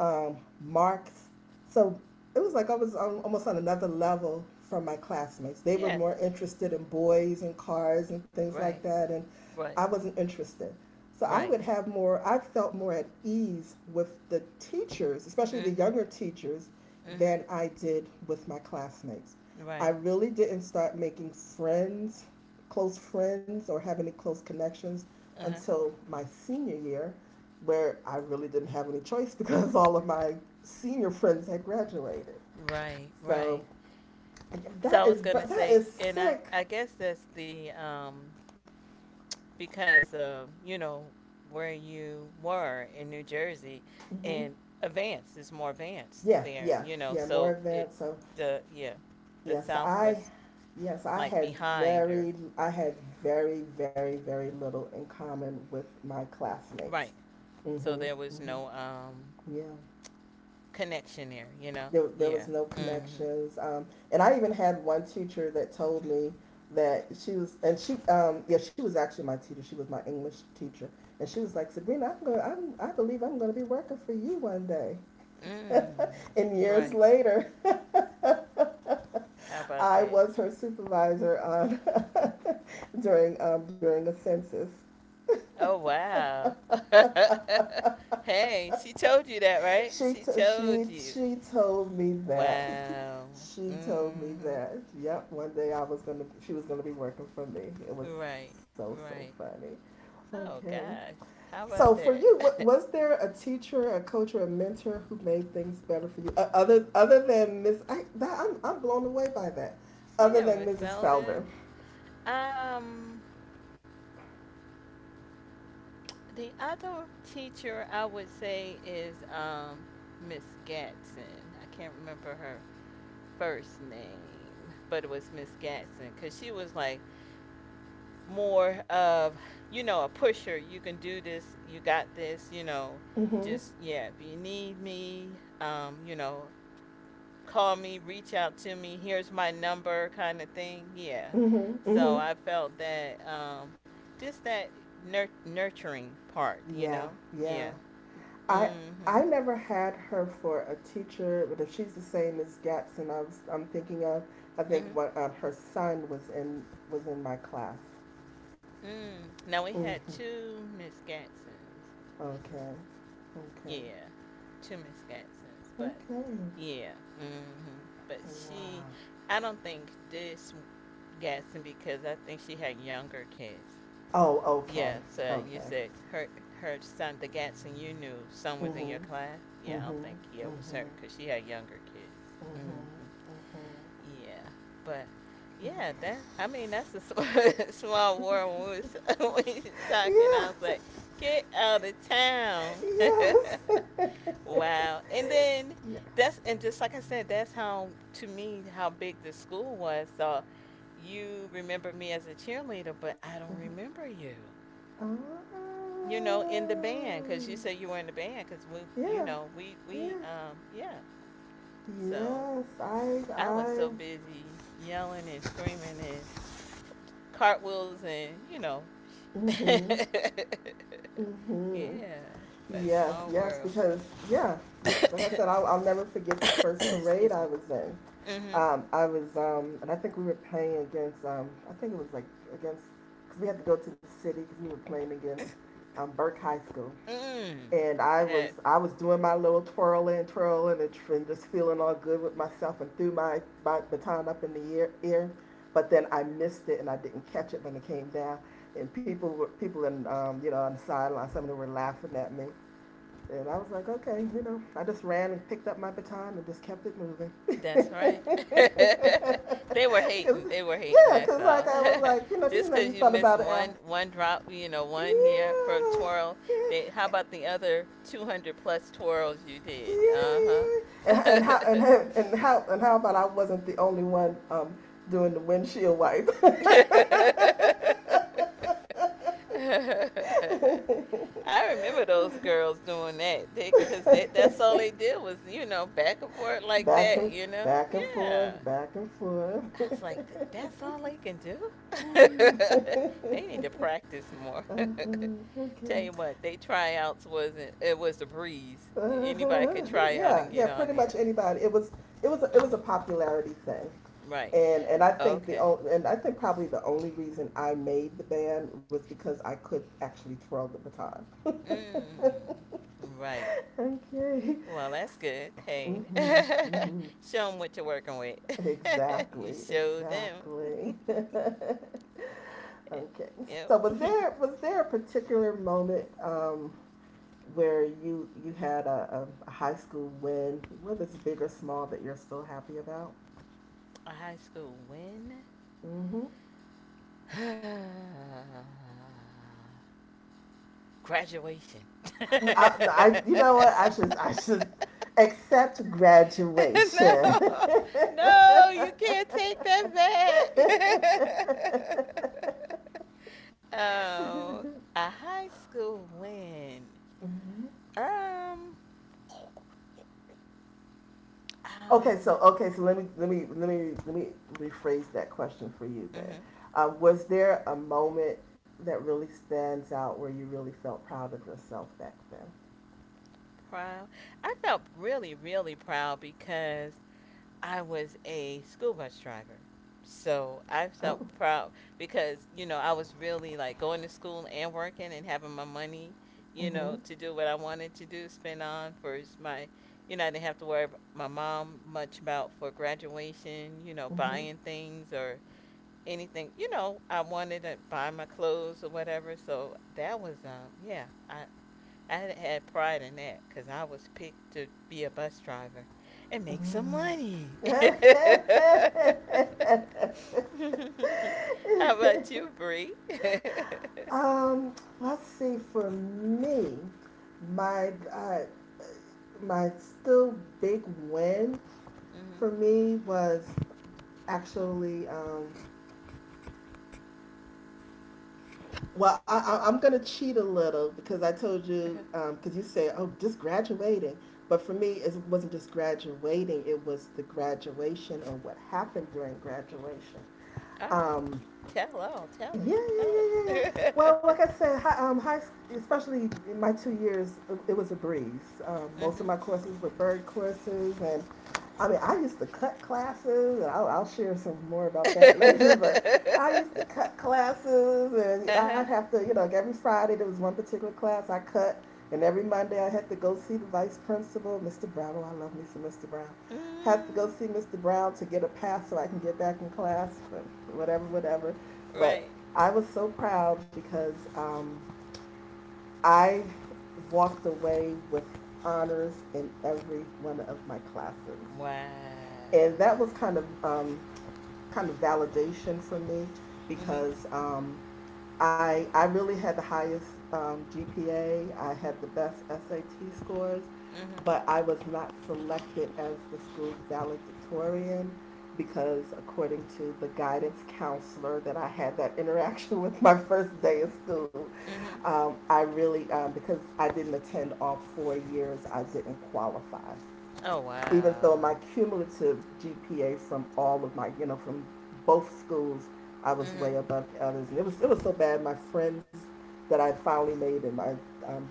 S1: um, Marx. So it was like I was on, almost on another level from my classmates. They were
S2: Yeah.
S1: more interested in boys and cars and things like
S2: Right.
S1: that, and I
S2: Right.
S1: wasn't interested. So I
S2: Right.
S1: would have more. I felt more at ease with the teachers, especially the
S2: Mhm.
S1: younger teachers, than
S2: Mhm.
S1: I did with my classmates. I
S2: Right.
S1: really didn't start making friends, close friends, or have any close connections
S2: Uh huh.
S1: until my senior year, where I really didn't have any choice because all of my senior friends had graduated.
S2: Right.
S1: So
S2: Right. So I
S1: that is
S2: was gonna
S1: but that
S2: say,
S1: is
S2: and I
S1: sick.
S2: I guess that's the um because of you know where you were in New Jersey,
S1: Hmm.
S2: and advanced is more advanced
S1: Yeah,
S2: there.
S1: yeah,
S2: You know,
S1: yeah. More
S2: so it
S1: advanced. So
S2: the yeah the
S1: yes,
S2: South
S1: I
S2: was
S1: yes I
S2: like
S1: had
S2: behind or
S1: very I had very very very little in common with my
S2: right.
S1: classmates.
S2: So
S1: Mhm.
S2: there was
S1: Mhm.
S2: no um
S1: Yeah.
S2: connection there. You know,
S1: There, there
S2: yeah.
S1: was no
S2: Mm-hmm.
S1: connections. Um, and I even had one teacher that told me that she was, and she, um, yeah, she was actually my teacher. She was my English teacher. And she was like, Sabrina, I'm going I'm, I believe I'm going to be working for you one day.
S2: Mm.
S1: And years
S2: Right.
S1: later,
S2: How about
S1: I
S2: that?
S1: was her supervisor on during um, during a census.
S2: Oh wow. hey, she told you that, right?
S1: She
S2: She
S1: t- she
S2: told you.
S1: she told me that
S2: Wow.
S1: she told me
S2: Mm-hmm.
S1: that yep one day I was gonna she was gonna be working for me. It was
S2: Right,
S1: so so
S2: right.
S1: funny.
S2: Oh
S1: Okay,
S2: gosh, how about
S1: so for
S2: that?
S1: you wa- was there a teacher, a coach, or a mentor who made things better for you uh, other other than miss I, that, I'm, I'm blown away by that other
S2: yeah,
S1: than
S2: Miss
S1: Mrs.
S2: Felder.
S1: Felder.
S2: Um, the other teacher I would say is um Miss Gatson. I can't remember her first name, but it was Miss Gatson because she was like more of you know a pusher. You can do this. You got this. You know,
S1: Mm-hmm,
S2: just yeah. If you need me, um, you know, call me, reach out to me, here's my number kind of thing. Yeah.
S1: mm-hmm, mm-hmm.
S2: So I felt that um just that nur- nurturing part, you
S1: Yeah
S2: know.
S1: yeah
S2: Yeah.
S1: I I
S2: Mhm.
S1: never had her for a teacher, but if she's the same as Gatson, I was I'm thinking of. I think
S2: Mhm.
S1: what uh, her son was in was in my class.
S2: Mm. Now we had
S1: Mm-hmm.
S2: two Miss Gatsons.
S1: Okay, okay,
S2: Yeah. Two Miss Gatsons, but
S1: okay.
S2: yeah. Mhm. But she
S1: Wow.
S2: I don't think this Gatson because I think she had younger kids.
S1: Oh, okay,
S2: Yeah, so you
S1: okay.
S2: said her her son, the Gatson you knew, son was in your
S1: Mhm,
S2: class. Yeah, I don't
S1: mhm,
S2: think yeah it was her
S1: mhm.
S2: because she had younger kids. Hmm Yeah, but yeah, that I mean that's a sm- small world. When we was, we was talking, I was
S1: Yeah,
S2: like, get out of town.
S1: yes,
S2: wow, and then
S1: yeah.
S2: that's and just like I said, that's how to me how big the school was. So you remember me as a cheerleader, but I don't
S1: Mhm.
S2: remember you
S1: Oh,
S2: you know, in the band because you said you were in the band because we, you
S1: yeah,
S2: know, we
S1: yeah.
S2: we um yeah. So
S1: Yes, I,
S2: I was
S1: I.
S2: so busy yelling and screaming and f- cartwheels and you know,
S1: Mhm, mhm.
S2: yeah. But
S1: Yes,
S2: small
S1: yes,
S2: world.
S1: because yeah, yeah 'cause like I said, I'll, I'll never forget the first parade
S2: Excuse
S1: I
S2: me.
S1: was in.
S2: Hmm
S1: Um, I was, um, and I think we were playing against, um, I think it was like against, because we had to go to the city because we were playing against um, Burke High School,
S2: Mm.
S1: and I was,
S2: Yes.
S1: I was doing my little twirling, twirling, and, tr- and just feeling all good with myself, and threw my, my baton up in the air, air, but then I missed it and I didn't catch it when it came down, and people were people in, um, you know, on the sideline, some of them were laughing at me and I was like, okay, you know, I just ran and picked up my baton and just kept it moving.
S2: That's right. they were
S1: Cause,
S2: hating. They were hating.
S1: yeah,
S2: That's
S1: cause like
S2: all.
S1: I was like, you know, 'cause, you
S2: Just
S1: know,
S2: because
S1: you
S2: you
S1: thought
S2: missed
S1: about it after,
S2: one one drop, you know, one year for
S1: yeah,
S2: twirl. They how
S1: yeah,
S2: about the other two hundred plus twirls you
S1: yeah,
S2: did? Uh huh.
S1: yeah, and, and how and, how- and how and how about I wasn't the only one um, doing the windshield wipe,
S2: I remember those girls doing that. They, cause that that's all they did was you know back and forth like
S1: back
S2: that.
S1: and
S2: You know,
S1: back and
S2: yeah.
S1: forth, back and forth.
S2: I was like, "Th- that's all they can do? they need to practice more.
S1: Uh-huh, okay.
S2: Tell you what, they tryouts wasn't, it was a breeze. Anybody
S1: Uh,
S2: could try out
S1: yeah,
S2: and get
S1: yeah,
S2: on
S1: pretty much
S2: there.
S1: anybody. It was it was a, it was a
S2: Hmm
S1: popularity thing,
S2: Right.
S1: and and I think the
S2: Okay.
S1: only and I think probably the only reason I made the band was because I could actually twirl the baton.
S2: Mm, right.
S1: Okay.
S2: Well, that's good. Hey,
S1: Mm-hmm, mm-hmm.
S2: show them what you're working with. you
S1: Exactly.
S2: show them.
S1: Exactly. Okay.
S2: yep.
S1: So was there was there a particular moment um, where you you had a a, a high school win, whether it's big or small, that you're still happy about?
S2: High school win.
S1: Mm-hmm.
S2: Graduation.
S1: I, I, you know what? I should, I should accept graduation.
S2: no, no, you can't take that back. oh, a high school win. Um,
S1: okay, so
S2: um.
S1: okay, so let me, let me, let me, let me rephrase that question for you then.
S2: Mhm.
S1: Uh, was there a moment that really stands out where you really felt proud of yourself back then?
S2: Proud. I felt really, really proud because I was a school bus driver. So I felt
S1: Oh,
S2: proud because, you know, I was really like going to school and working and having my money, you
S1: hmm.
S2: know, to do what I wanted to do, spend on for my, you know, I didn't have to worry ab- my mom much about for graduation, you know,
S1: Hmm.
S2: buying things or anything. You know, I wanted to buy my clothes or whatever. So that was, um, yeah, I, I had pride in that because I was picked to be a bus driver and make some money. How about you, Bree?
S1: Um, let's see. For me, my uh, my still big win
S2: hmm
S1: for me was actually um, well, I, I, I'm going to cheat a little because I told you,
S2: Uh-huh.
S1: because um, you said, oh, just graduating. But for me, it wasn't just graduating, it was the graduation and what happened during graduation.
S2: Oh,
S1: Um,
S2: tell all, tell
S1: yeah, yeah,
S2: it, tell
S1: yeah, yeah, yeah. Well,
S2: it.
S1: like I said, hi, um, high, especially in my two years, it, it was a breeze. Um, most of
S2: mhm.
S1: my courses were bird courses, and I mean, I used to cut classes, and I'll, I'll share some more about that later. But I used to cut classes, and I'd
S2: uh-huh.
S1: have to, you know, like every Friday there was one particular class I cut, and every Monday I had to go see the vice principal, Mister Brown. Oh, I love me some Mister Brown, have to go
S2: Mm,
S1: see Mister Brown to get a pass so I can get back in class, but whatever, whatever. But
S2: right.
S1: I was so proud because um, I walked away with honors in every one of my classes
S2: Wow.
S1: and that was kind of um, kind of validation for me
S2: Mm-hmm.
S1: because um, I I really had the highest um, G P A. I had the best S A T scores,
S2: Mm-hmm.
S1: but I was not selected as the school's valedictorian because according to the guidance counselor that I had that interaction with my first day of school,
S2: Mm-hmm.
S1: um, I really um, because I didn't attend all four years, I didn't qualify
S2: Oh
S1: even though
S2: wow.
S1: my cumulative G P A from all of my, you know, from both schools, I was way
S2: Mm-hmm.
S1: above the others. And it was, it was so bad. My friends that I finally made in my um,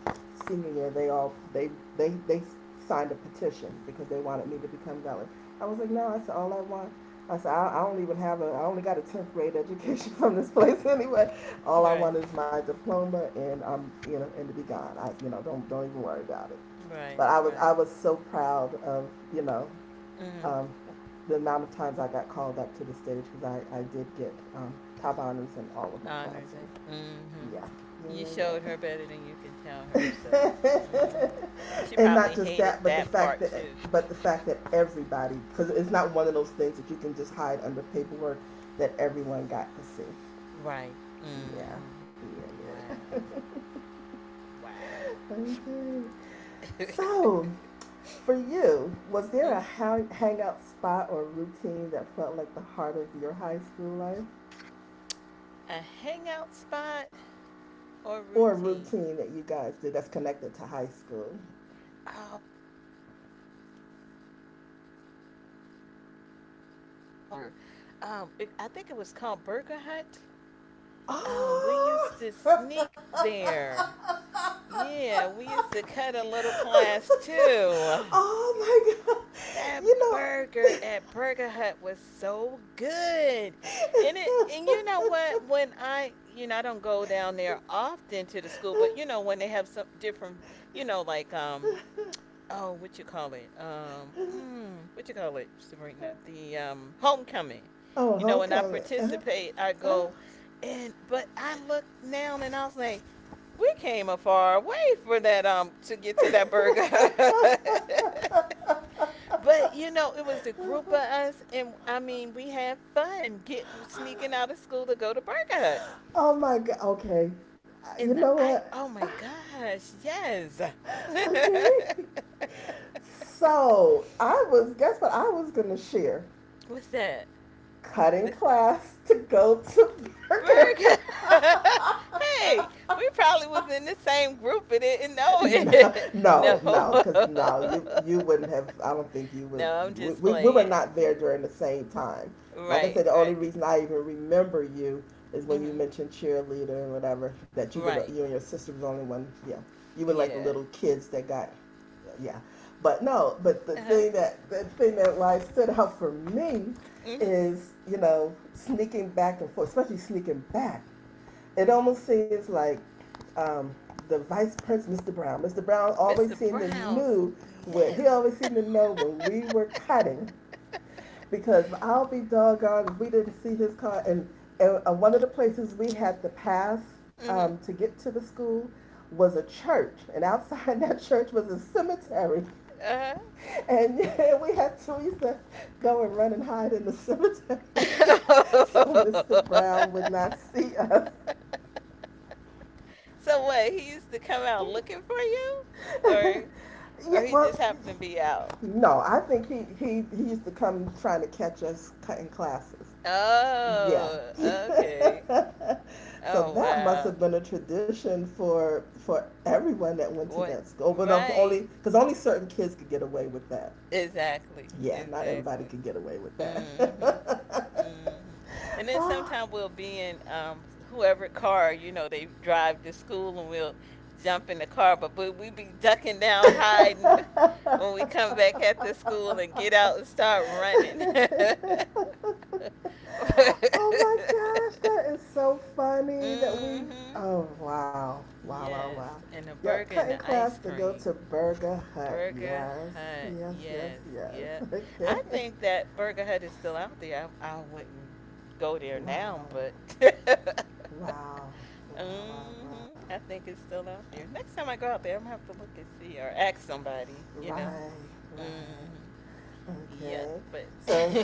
S1: senior year, they all, they, they, they signed a petition because they wanted me to become valedictorian. I was like, no, I said, all I want. I said, I, I don't even have a, I only got a tenth grade education from this place anyway. All I
S2: Right.
S1: want is my diploma and I'm, you know, and to be gone. I, you know, don't, don't even worry about it.
S2: Right.
S1: But I was
S2: Right.
S1: I was so proud of you know
S2: Mhm.
S1: um, the amount of times I got called up to the stage because I, I did get um, top honors in all of my
S2: Honors
S1: classes.
S2: it.
S1: Yeah,
S2: Mhm. You showed her better than you can tell her,
S1: yeah,
S2: so.
S1: yeah, yeah.
S2: Mhm. She
S1: And not
S2: probably
S1: just that,
S2: hated
S1: but the
S2: that
S1: fact
S2: part
S1: that
S2: too.
S1: but the fact that everybody, because it's not one of those things that you can just hide under paperwork, that everyone got to see.
S2: Right.
S1: Yeah,
S2: Mhm.
S1: yeah,
S2: Wow.
S1: yeah.
S2: Wow.
S1: Okay. So, for you, was there a
S2: mhm.
S1: hang- hangout spot or routine that felt like the heart of your high school life?
S2: A hangout spot or
S1: Or a
S2: routine?
S1: routine that you guys did that's connected to high school?
S2: Oh, it was a oh gosh, it was the best burger. Um, it, I think it was called Burger Hut. Um, we used
S1: Oh.
S2: to sneak there. Yeah, we used to cut a little class too.
S1: Oh my God.
S2: That
S1: You
S2: burger
S1: know.
S2: at Burger Hut was so good. And it and you know what? When I you know, I don't go down there often to the school, but you know, when they have some different you know, like um oh what you call it? Um mm, what you call it, Sabrina? The um homecoming.
S1: Oh,
S2: You know, when I
S1: homecoming. Uh,
S2: participate I
S1: uh.
S2: go and but I look now and I was like we came a far way for that um to get to that burger. But you know, it was the group of us, and I mean, we had fun getting sneaking out of school to go to Burger Hut.
S1: Oh my God. Okay. Uh, You
S2: And the
S1: know
S2: I
S1: what?
S2: oh my gosh, yes.
S1: Okay. So I was, guess what I was gonna share?
S2: What's that?
S1: Cutting
S2: This
S1: class to go to Burger.
S2: Burger, hey, we probably was in the same group and didn't know
S1: No,
S2: it.
S1: no,
S2: no.
S1: no, because no, you you wouldn't have. I don't think you were.
S2: no, I'm
S1: We,
S2: just
S1: we, we were
S2: playing.
S1: not there
S2: No.
S1: during the same time. Like I said,
S2: Right,
S1: the only
S2: right.
S1: reason I even remember you is when you
S2: Mm-hmm.
S1: mentioned cheerleader and whatever, that you were the,
S2: Right.
S1: you and your sister was the only one. Yeah, you were like the
S2: Yeah.
S1: little kids that got, yeah. But no, but the
S2: Uh-huh.
S1: thing that the thing that like stood out for me
S2: Mm-hmm.
S1: is you know sneaking back and forth, especially sneaking back. It almost seems like um, the vice president, Mister Brown. Mister Brown always
S2: mister
S1: seemed to
S2: Brown's.
S1: knew what
S2: Yes.
S1: he always seemed to know when we were cutting, because I'll be doggone if we didn't see his car. And, and uh, one of the places we had to pass um, to get to the school was a church, and outside that church was a cemetery. And yeah, we had to, we used to go and run and hide in the cemetery
S2: mm-hmm.
S1: so Mister
S2: Uh-huh.
S1: Brown would not see us.
S2: So what? He used to come out looking for you, or or
S1: Yeah,
S2: he just
S1: well,
S2: happened to be out.
S1: no, I think he, he, he used to come trying to catch us cutting classes. Yeah.
S2: Oh, okay.
S1: So
S2: Oh
S1: that must have
S2: wow.
S1: been a tradition for for everyone that went to
S2: What?
S1: that school. But no, for, only
S2: Right.
S1: because only certain kids could get away with that.
S2: Exactly.
S1: Yeah, not everybody
S2: Exactly.
S1: could get away with that.
S2: hmm hmm And then
S1: Oh.
S2: sometime we'll be in um, whoever car you know they drive to school, and we'll jump in the car. But we we be ducking down, hiding
S1: Oh
S2: when we come back at the school and get out and start running.
S1: my gosh, that is so funny that we.
S2: hmm
S1: Oh wow, wow, wow,
S2: Yes,
S1: wow.
S2: and a
S1: Yep,
S2: burger and
S1: cutting
S2: the
S1: class
S2: ice
S1: to go
S2: cream.
S1: to Burger Hut.
S2: Burger
S1: Yes,
S2: Hut.
S1: yes, yes,
S2: Yes. Yep.
S1: yes.
S2: I
S1: Okay.
S2: think that Burger Hut is still out there. I, I wouldn't go there now,
S1: Wow,
S2: but
S1: wow, wow, wow.
S2: hmm I think it's still out there. Next time I go out there, I'm gonna have to look and see or ask somebody. You
S1: Wow. Right,
S2: know. Hmm
S1: right.
S2: Yep.
S1: Okay,
S2: But.
S1: so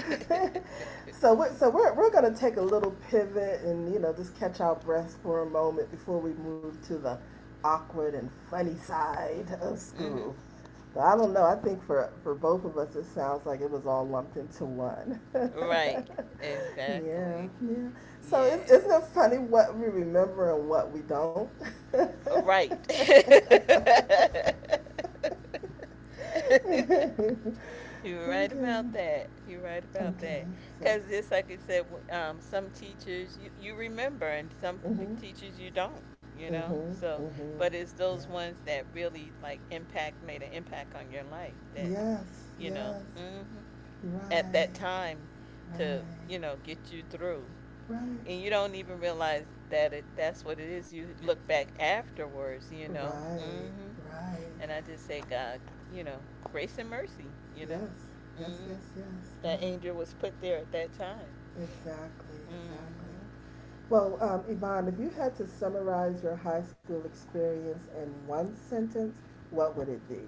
S1: so we're, so we're we're gonna take a little pivot and you know just catch our breath for a moment before we move to the awkward and funny side of
S2: hmm
S1: school. But I don't know. I think for for both of us, it sounds like it was all lumped into one.
S2: Right.
S1: Yeah,
S2: Exactly.
S1: yeah. So is,
S2: Yes.
S1: isn't it funny what we remember and what we don't?
S2: Right. You're right about
S1: Okay.
S2: that. You're right about
S1: Okay,
S2: that.
S1: so,
S2: Because just like I said, w- um, some teachers you, you remember, and some p-
S1: mm-hmm,
S2: teachers you don't. You
S1: mm-hmm,
S2: know. So,
S1: mm-hmm,
S2: but it's
S1: yeah.
S2: those ones that really like impact made an impact on your life that
S1: Yes,
S2: you know
S1: yes,
S2: hmm at
S1: right,
S2: that time
S1: right,
S2: to you know get you through,
S1: right,
S2: and you don't even realize that it that's what it is. You look back afterwards, you know.
S1: right,
S2: Hmm
S1: right.
S2: And I just say, God, you know, grace and mercy. You know.
S1: Yes, yes,
S2: Hmm,
S1: yes, yes, wow,
S2: the angel was put there at that time.
S1: exactly, exactly.
S2: Mm-hmm.
S1: Well, um, Yvonne, if you had to summarize your high school experience in one sentence, what would it be?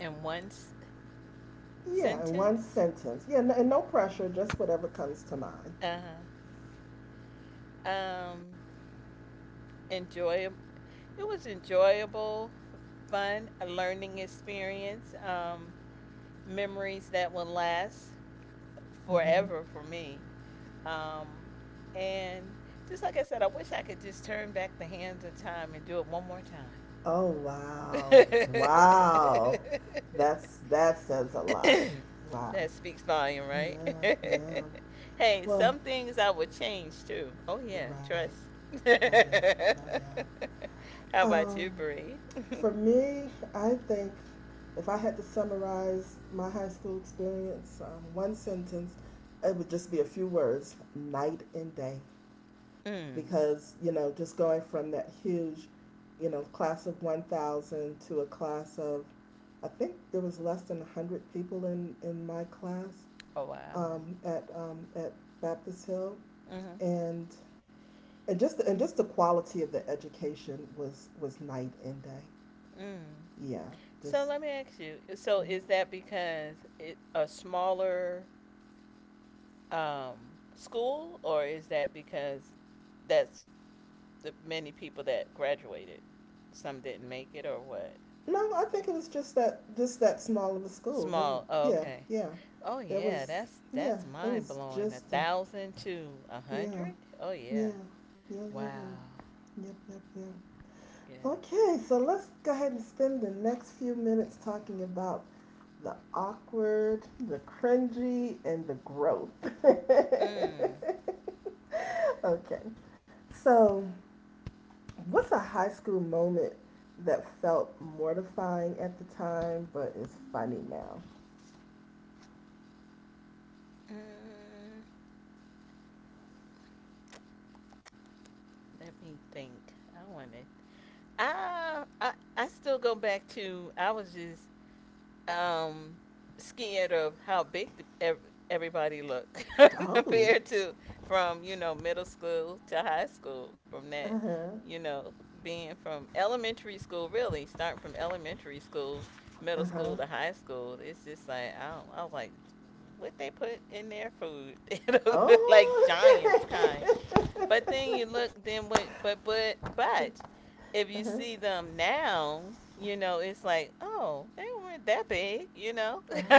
S2: In one s-
S1: Yeah, in one
S2: sentence,
S1: sentence. Yeah, n- and no pressure, just whatever comes to mind.
S2: uh-huh. um, Enjoy. It was enjoyable, f- fun, a learning experience, um, memories that will last
S1: Hmm.
S2: forever for me. Um, and just like I said, I wish I could just turn back the hands of time and do it one more time.
S1: Oh, wow.
S2: Wow.
S1: Wow. That's that says a lot. Wow.
S2: that speaks volume, right?
S1: Yeah, yeah.
S2: hey,
S1: Well,
S2: some things I would change too. Oh yeah,
S1: right.
S2: trust.
S1: Oh yeah.
S2: How
S1: Oh yeah.
S2: about you,
S1: Um,
S2: Bree?
S1: for me, I think if I had to summarize my high school experience, um, one sentence, it would just be a few words: night and day.
S2: mm.
S1: Because you know, just going from that huge, you know, class of one thousand to a class of, I think there was less than one hundred people in in my class
S2: Oh wow.
S1: um, at um, at Baptist Hill,
S2: Mm-hmm.
S1: and and just the, and just the quality of the education was was night and day.
S2: Mm.
S1: Yeah,
S2: So
S1: just,
S2: let me ask you. So is that because it, a smaller um, school, or is that because that's the many people that graduated? Some didn't make it, or what?
S1: no, I think it was just that just that small of a school. There, were,
S2: Small. Oh,
S1: yeah,
S2: okay.
S1: yeah,
S2: Oh
S1: there
S2: yeah,
S1: was,
S2: that's
S1: yeah,
S2: that's
S1: it
S2: mind
S1: was
S2: blowing. A
S1: just a,
S2: thousand to a
S1: yeah,
S2: hundred? Oh yeah.
S1: yeah, yeah, yeah,
S2: Wow.
S1: yeah, yep, yep, yep.
S2: Yeah.
S1: Okay, so let's go ahead and spend the next few minutes talking about the awkward, the cringy, and the growth.
S2: Mm.
S1: Okay. So, what's a high school moment that felt mortifying at the time but is funny now?
S2: Mm. Let me think. I wanted. Ah, I I still go back to. I was just um, scared of how big the, ev- everybody looked
S1: Oh.
S2: compared to from you know middle school to high school. From that, you know, being from elementary school, really starting from elementary school, middle
S1: Uh
S2: school
S1: huh.
S2: to high school, it's just like I, don't, I was like, what they put in their food, like
S1: Oh,
S2: giants
S1: okay.
S2: kind, but then you look, then what? But but but if you see them now, you know it's like, oh, they weren't that big, you know.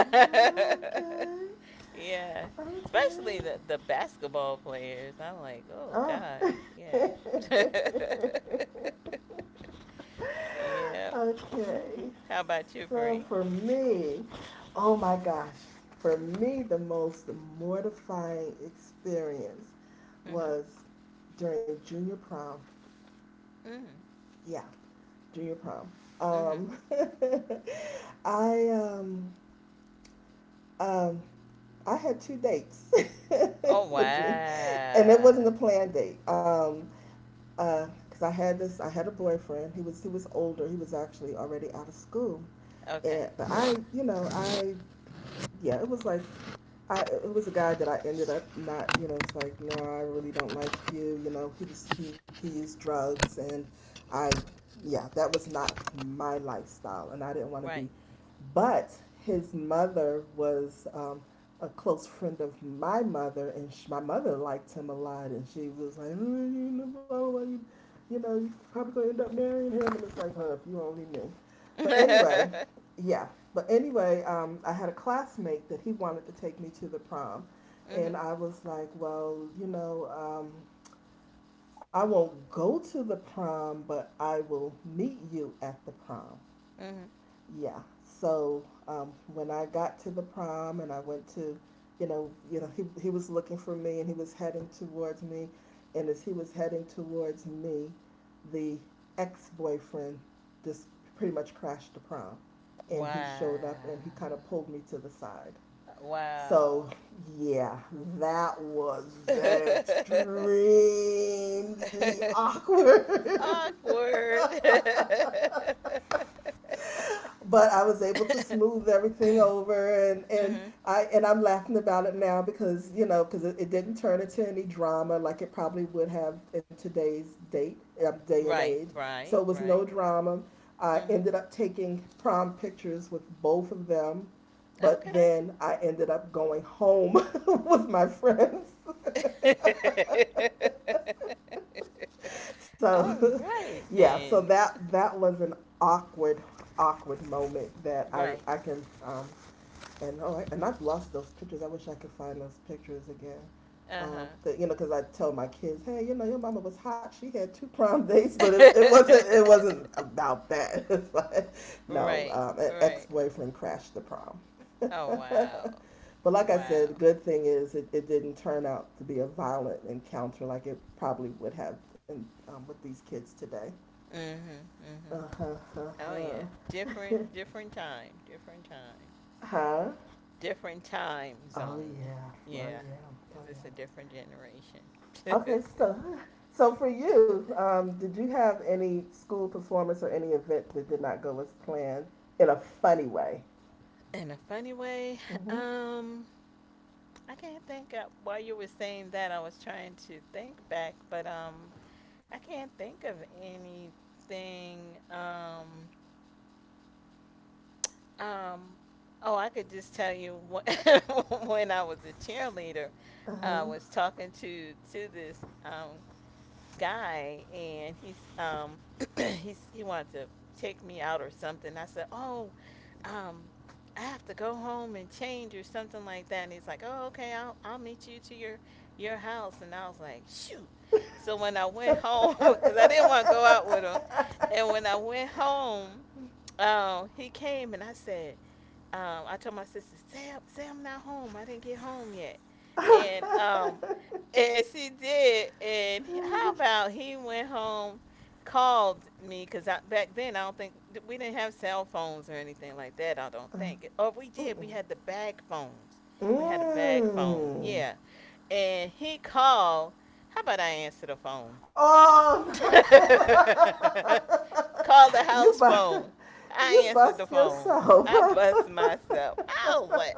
S2: yeah,
S1: Okay.
S2: especially the the basketball players. I'm like, oh
S1: Okay. Oh.
S2: god, yeah, yeah.
S1: Okay.
S2: How about you,
S1: So
S2: Bree?
S1: for me, oh my gosh, for me, the most mortifying experience
S2: Mm-hmm.
S1: was during junior prom.
S2: Mm-hmm.
S1: Yeah. Junior prom.
S2: Mm-hmm.
S1: Um, I um, um, I had two dates
S2: Oh
S1: for junior, and it wasn't
S2: wow.
S1: a planned date. Um, uh 'cause I had this, I had a boyfriend. He was he was older. He was actually already out of school.
S2: Okay.
S1: And but I, you know, I yeah, it was like, I it was a guy that I ended up, not, you know, it's like, no, I really don't like you. You know, he was he, he used drugs, and I, yeah, that was not my lifestyle, and I didn't want to
S2: Right.
S1: be. But his mother was um, a close friend of my mother, and sh my mother liked him a lot, and she was like, oh, you know, blah, you, you know, you probably gonna end up marrying him, and it's like, huh, if you only knew.
S2: mhm.
S1: But anyway, yeah. But anyway, um, I had a classmate that he wanted to take me to the prom, and I was like, well, you know, um, I won't go to the prom, but I will meet you at the prom,
S2: Mhm.
S1: yeah. So um, when I got to the prom and I went to, you know, you know, he he was looking for me and he was heading towards me, and as he was heading towards me, the ex-boyfriend just pretty much crashed the prom, and he showed
S2: Wow.
S1: up and he kind of pulled me to the side.
S2: Wow.
S1: So yeah, that was extremely awkward.
S2: Awkward.
S1: But I was able to smooth everything over, and and
S2: mhm.
S1: I and I'm laughing about it now because you know because it, it didn't turn into any drama like it probably would have in today's date uh, day and
S2: Right.
S1: age.
S2: Right.
S1: So it was
S2: Right.
S1: no drama. I
S2: Mhm.
S1: ended up taking prom pictures with both of them,
S2: Okay.
S1: but
S2: and
S1: then I ended up going home with my friends.
S2: I ended up going home with my friends. All
S1: So
S2: right
S1: yeah, so
S2: then. So
S1: that
S2: that
S1: that was an awkward awkward moment that I
S2: right.
S1: I can, um, and oh, and I've lost those pictures. I wish I could find those pictures again.
S2: Uh
S1: Um,
S2: huh.
S1: that, you know, because I tell my kids, hey, you know, your mama was hot. She had two prom dates, but it,
S2: it
S1: it wasn't it wasn't
S2: wasn't
S1: about that. It's like, no,
S2: right.
S1: um, an ex
S2: Right.
S1: boyfriend crashed the prom.
S2: Oh wow.
S1: But like I said, the
S2: Wow.
S1: good
S2: The good
S1: thing
S2: thing
S1: is it, it
S2: is it
S1: didn't
S2: it
S1: turn out to be a violent encounter like it probably would have in, um, with these kids today.
S2: didn't turn up. Mhm.
S1: Uh
S2: Mhm.
S1: huh. Uh
S2: Oh yeah.
S1: huh.
S2: Different. Different time. Different time.
S1: Huh.
S2: Different time
S1: Oh
S2: zone.
S1: yeah. Oh
S2: Yeah.
S1: yeah. Oh
S2: Cause it's a
S1: yeah.
S2: different generation.
S1: Okay, so so for you, um, did you have any school performance or any event that did not go as planned in a funny way?
S2: in a funny way.
S1: Mm-hmm.
S2: Um, I can't think. Of, while you were saying that, I was trying to think back, but um, I can't think of anything. Um, um, oh, I could just tell you wh- when I was a cheerleader, I
S1: Uh-huh.
S2: was talking to to this um guy and he's um he's he wanted to take me out or something. I said, "Oh, um I have to go home and change or something like that." And he's like, "Oh, okay. I'll I'll meet you to your your house." And I was like, "Shoot." So when I went home cuz I didn't want to go out with him, and when I went home, um he came and I said, um, I told my sister, "Say, I say I'm not home. I didn't get home yet," and um, and she did. And how about he went home, called me because back then I don't think we didn't have cell phones or anything like that. I don't think, or we did. We had the bag phones.
S1: Mm-mm.
S2: We had a bag phone,
S1: Mm.
S2: yeah. And he called. How about I answer the phone?
S1: Oh no!
S2: Call the
S1: you
S2: house
S1: bu-
S2: phone. I
S1: you
S2: answered the
S1: bust
S2: phone.
S1: yourself.
S2: I bust myself. I was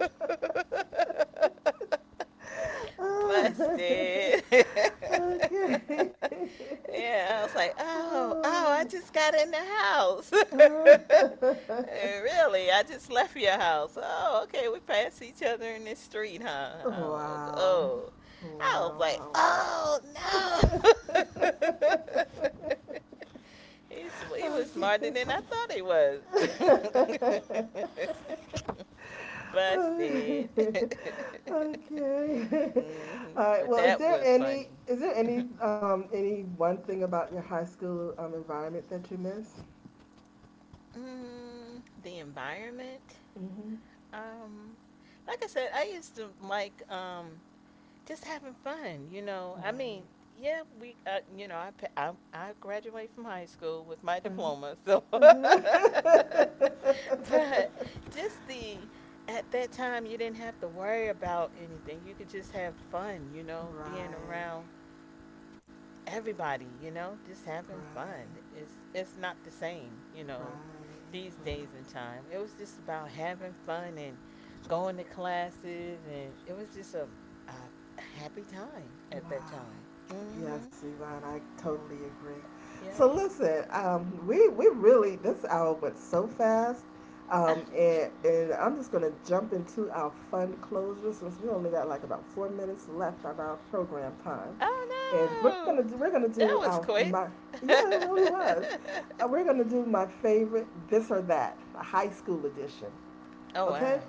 S2: like, "Ow." busted.
S1: Okay.
S2: yeah, I was like, oh, oh, I
S1: Oh.
S2: just got in the house. "Eh, really? I just left your house. Oh, okay. We passed each other in the street, huh? Oh,
S1: Wow.
S2: oh.
S1: Wow.
S2: I was like,
S1: Wow. Wow.
S2: oh no. He's, he was
S1: Okay.
S2: smarter than I thought he was. Busted.
S1: Okay.
S2: hmm.
S1: All right.
S2: But
S1: Well, is
S2: that
S1: there
S2: was
S1: any,
S2: funny.
S1: is there any um any one thing about your high school um environment that you miss?
S2: mm, the environment.
S1: Mm-hmm.
S2: Um, like I said, I used to like um just having fun. You know, I
S1: Right.
S2: mean, yeah, we. Uh, you know, I, pa- I I graduated from high school with my
S1: Uh,
S2: diploma, so. but just the at that time you didn't have to worry about anything. You could just have fun. You know, being
S1: right.
S2: around everybody, you know, just
S1: Right.
S2: having fun. It's it's not the same, you
S1: Right.
S2: know, these
S1: Right.
S2: days and time. It was just about having fun and going to classes, and it was just a, a happy time at that
S1: Wow.
S2: time. Mm-hmm.
S1: Yes, Yvonne, I totally agree. So
S2: Yep.
S1: listen, um, we we really this hour went so fast,
S2: Ah,
S1: um, and and I'm just gonna jump into our fun closure since we only got like about four minutes left on our program time, and we're gonna
S2: oh
S1: do, we're gonna
S2: no, that
S1: do
S2: was
S1: our
S2: quick.
S1: my, yeah it really was, uh, we're gonna do my favorite this or that, a high school edition.
S2: oh
S1: Okay,
S2: wow,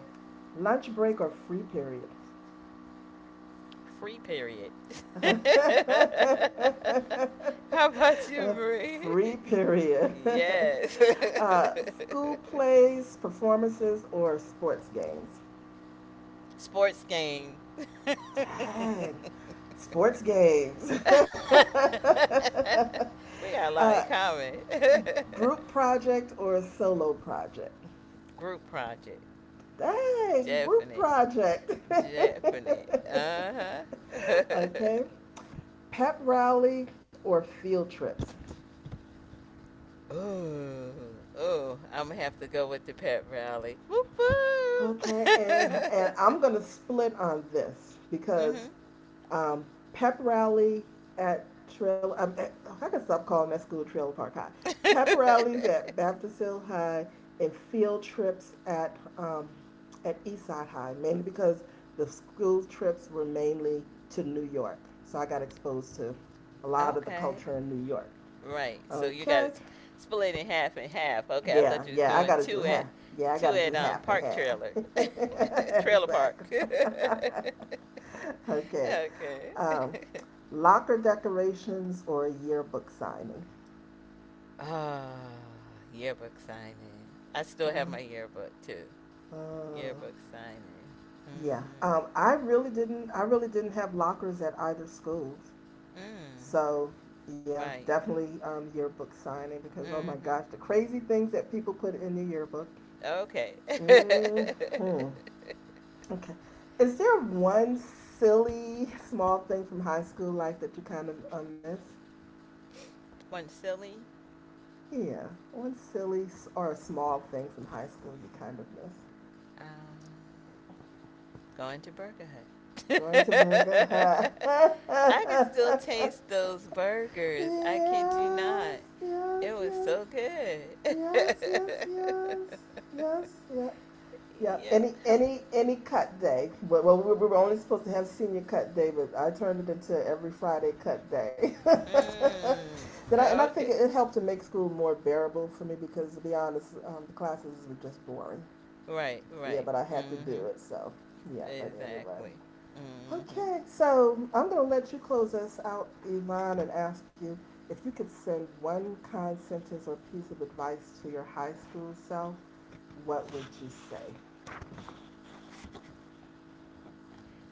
S1: lunch break or free period.
S2: free period. How about you, Marie?
S1: Free period.
S2: Yes.
S1: uh, school plays, performances, or sports games?
S2: Sports game. we
S1: Dang. Sports games.
S2: got a lot
S1: uh,
S2: in common.
S1: group project or solo project?
S2: Group project.
S1: Dang, group
S2: Definite.
S1: project.
S2: Definite. Uh huh.
S1: Okay. Pep rally or field trips?
S2: Ooh, ooh, I'm gonna have to go with the pet rally. Whoop
S1: Okay, and and I'm gonna split on this
S2: whoop.
S1: because um, pep rally at Trail. Um, eh, I can stop calling that school Trailer Park High.
S2: mhm.
S1: Pep rallies at Baptist Hill High and field trips at um, at Eastside High, mainly because the school trips were mainly to New York, so I got exposed to a lot of the
S2: okay.
S1: culture in New York.
S2: Right. So you got
S1: Okay,
S2: it split in half and half. Okay, I
S1: yeah,
S2: thought you was
S1: yeah, I
S2: doing
S1: gotta do
S2: two
S1: half.
S2: at
S1: Yeah, I
S2: two
S1: gotta do
S2: at um
S1: half and
S2: park
S1: half.
S2: trailer. trailer park.
S1: Exactly. Okay.
S2: okay.
S1: Um, locker decorations or yearbook signing.
S2: Ah, yearbook signing. I still have my
S1: Mhm.
S2: yearbook too. Yearbook signing.
S1: Yeah.
S2: Mm-hmm.
S1: Um, I really didn't. I really didn't have lockers at either schools.
S2: Mm.
S1: So, yeah,
S2: Right.
S1: definitely um, yearbook signing because oh my gosh, the
S2: Mm-hmm.
S1: crazy things that people put in the yearbook.
S2: Okay.
S1: Hmm. Okay. Is there one silly small thing from high school life that you kind of, uh, miss?
S2: One silly.
S1: Yeah, one silly s- or a small thing from high school you kind of miss.
S2: Um Going to Burger Hut.
S1: Going to Burger Hut.
S2: I can still taste those burgers. I kid you
S1: Yes,
S2: not.
S1: yes,
S2: It was
S1: yes,
S2: so good.
S1: yes, yes, yes, yes, yes. Yeah,
S2: yep.
S1: any,
S2: Have-
S1: any, any cut day, well, well, we were only supposed to have senior cut day, but I turned it into every Friday cut day.
S2: Mm,
S1: Then I, and I think it,
S2: okay.
S1: it helped to make school more bearable for me because, to be honest, um, the classes were just boring.
S2: Right,
S1: Yeah,
S2: right.
S1: but I had to
S2: Mm-hmm.
S1: do it, so, yeah, but anyway.
S2: Exactly. Mm-hmm.
S1: Okay, so I'm gonna let you close us out, Yvonne, and ask you, if you could send one kind sentence or piece of advice to your high school self, what would you say?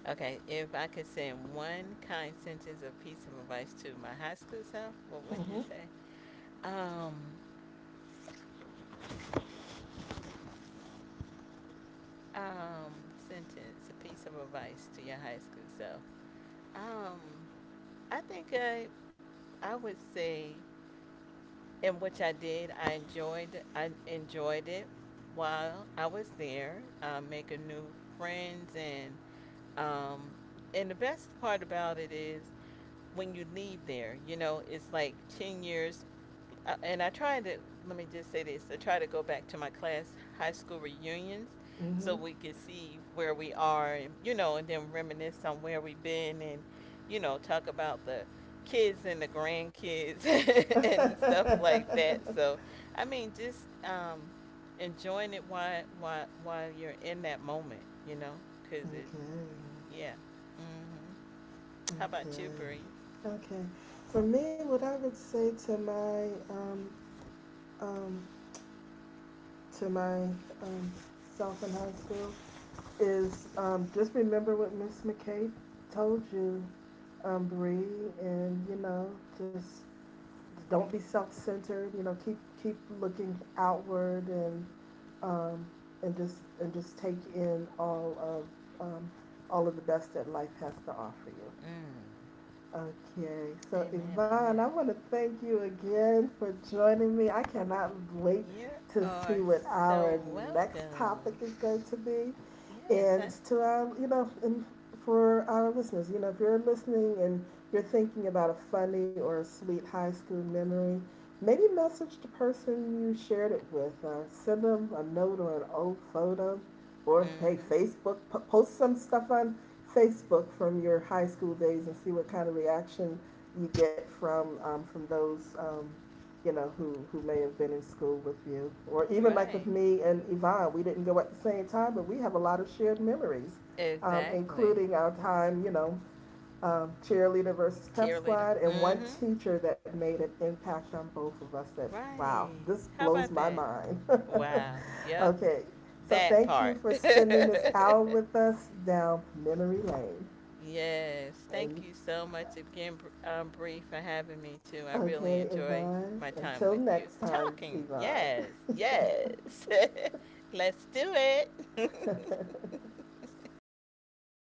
S2: Okay, if I could send one kind sentence of piece of advice to my high school self, what would
S1: Mm-hmm.
S2: you say? Um, um Sentence a piece of advice to your high school self um I think I I would say and which I did i enjoyed i enjoyed it while I was there um, making new friends and um and the best part about it is when you leave there you know it's like ten years uh, and I try to let me just say this. I try to go back to my class high school reunions so
S1: Mhm.
S2: we can see where we are, and, you know, and then reminisce on where we've been, and you know, talk about the kids and the grandkids and stuff like that.
S1: Okay,
S2: So I mean, just um, enjoying it while while while you're in that moment, you know, cause it yeah. Mhm. How about you,
S1: okay,
S2: Bree?
S1: okay. For me, what I would say to my um, um, to my um, self in high school is, um, just remember what Miss McKay told you, um, Bree, and you know, just don't be self-centered. You know, keep keep looking outward and, um, and just and just take in all of um, all of the best that life has to offer you.
S2: Mm.
S1: Okay, so
S2: Amen on
S1: Yvonne, I
S2: that.
S1: want to thank you again for joining me. I cannot wait
S2: You
S1: to see
S2: are
S1: what
S2: so
S1: our next topic
S2: welcome.
S1: is going to be.
S2: Yes,
S1: And
S2: huh?
S1: to our, you know, and for our listeners, you know, if you're listening and you're thinking about a funny or a sweet high school memory, maybe message the person you shared it with or send them a note or an old photo, or hey,
S2: Mm-hmm.
S1: Facebook, p- post some stuff on Facebook from your high school days and see what kind of reaction you get from um, from those um, you know who who may have been in school with you, or even like with
S2: Right.
S1: me and Yvonne, we didn't go at the same time, but we have a lot of shared memories, um,
S2: Exactly.
S1: including our time, you know, um, cheerleader versus pep
S2: Cheerleader.
S1: squad, and one
S2: Mm-hmm.
S1: teacher that made an impact on both of us. That wow,
S2: Right.
S1: this
S2: How
S1: blows
S2: about
S1: my
S2: that?
S1: mind.
S2: Wow. Yep.
S1: Okay, so
S2: That
S1: thank you
S2: part.
S1: for spending this hour with us down memory lane.
S2: Yes, thank
S1: And
S2: you so much again, Br- um, Bree, for having me too. I really
S1: okay,
S2: enjoy
S1: Yvonne,
S2: my
S1: until
S2: time with you.
S1: next time,
S2: Talking,
S1: Yvonne.
S2: yes, yes. Let's do it.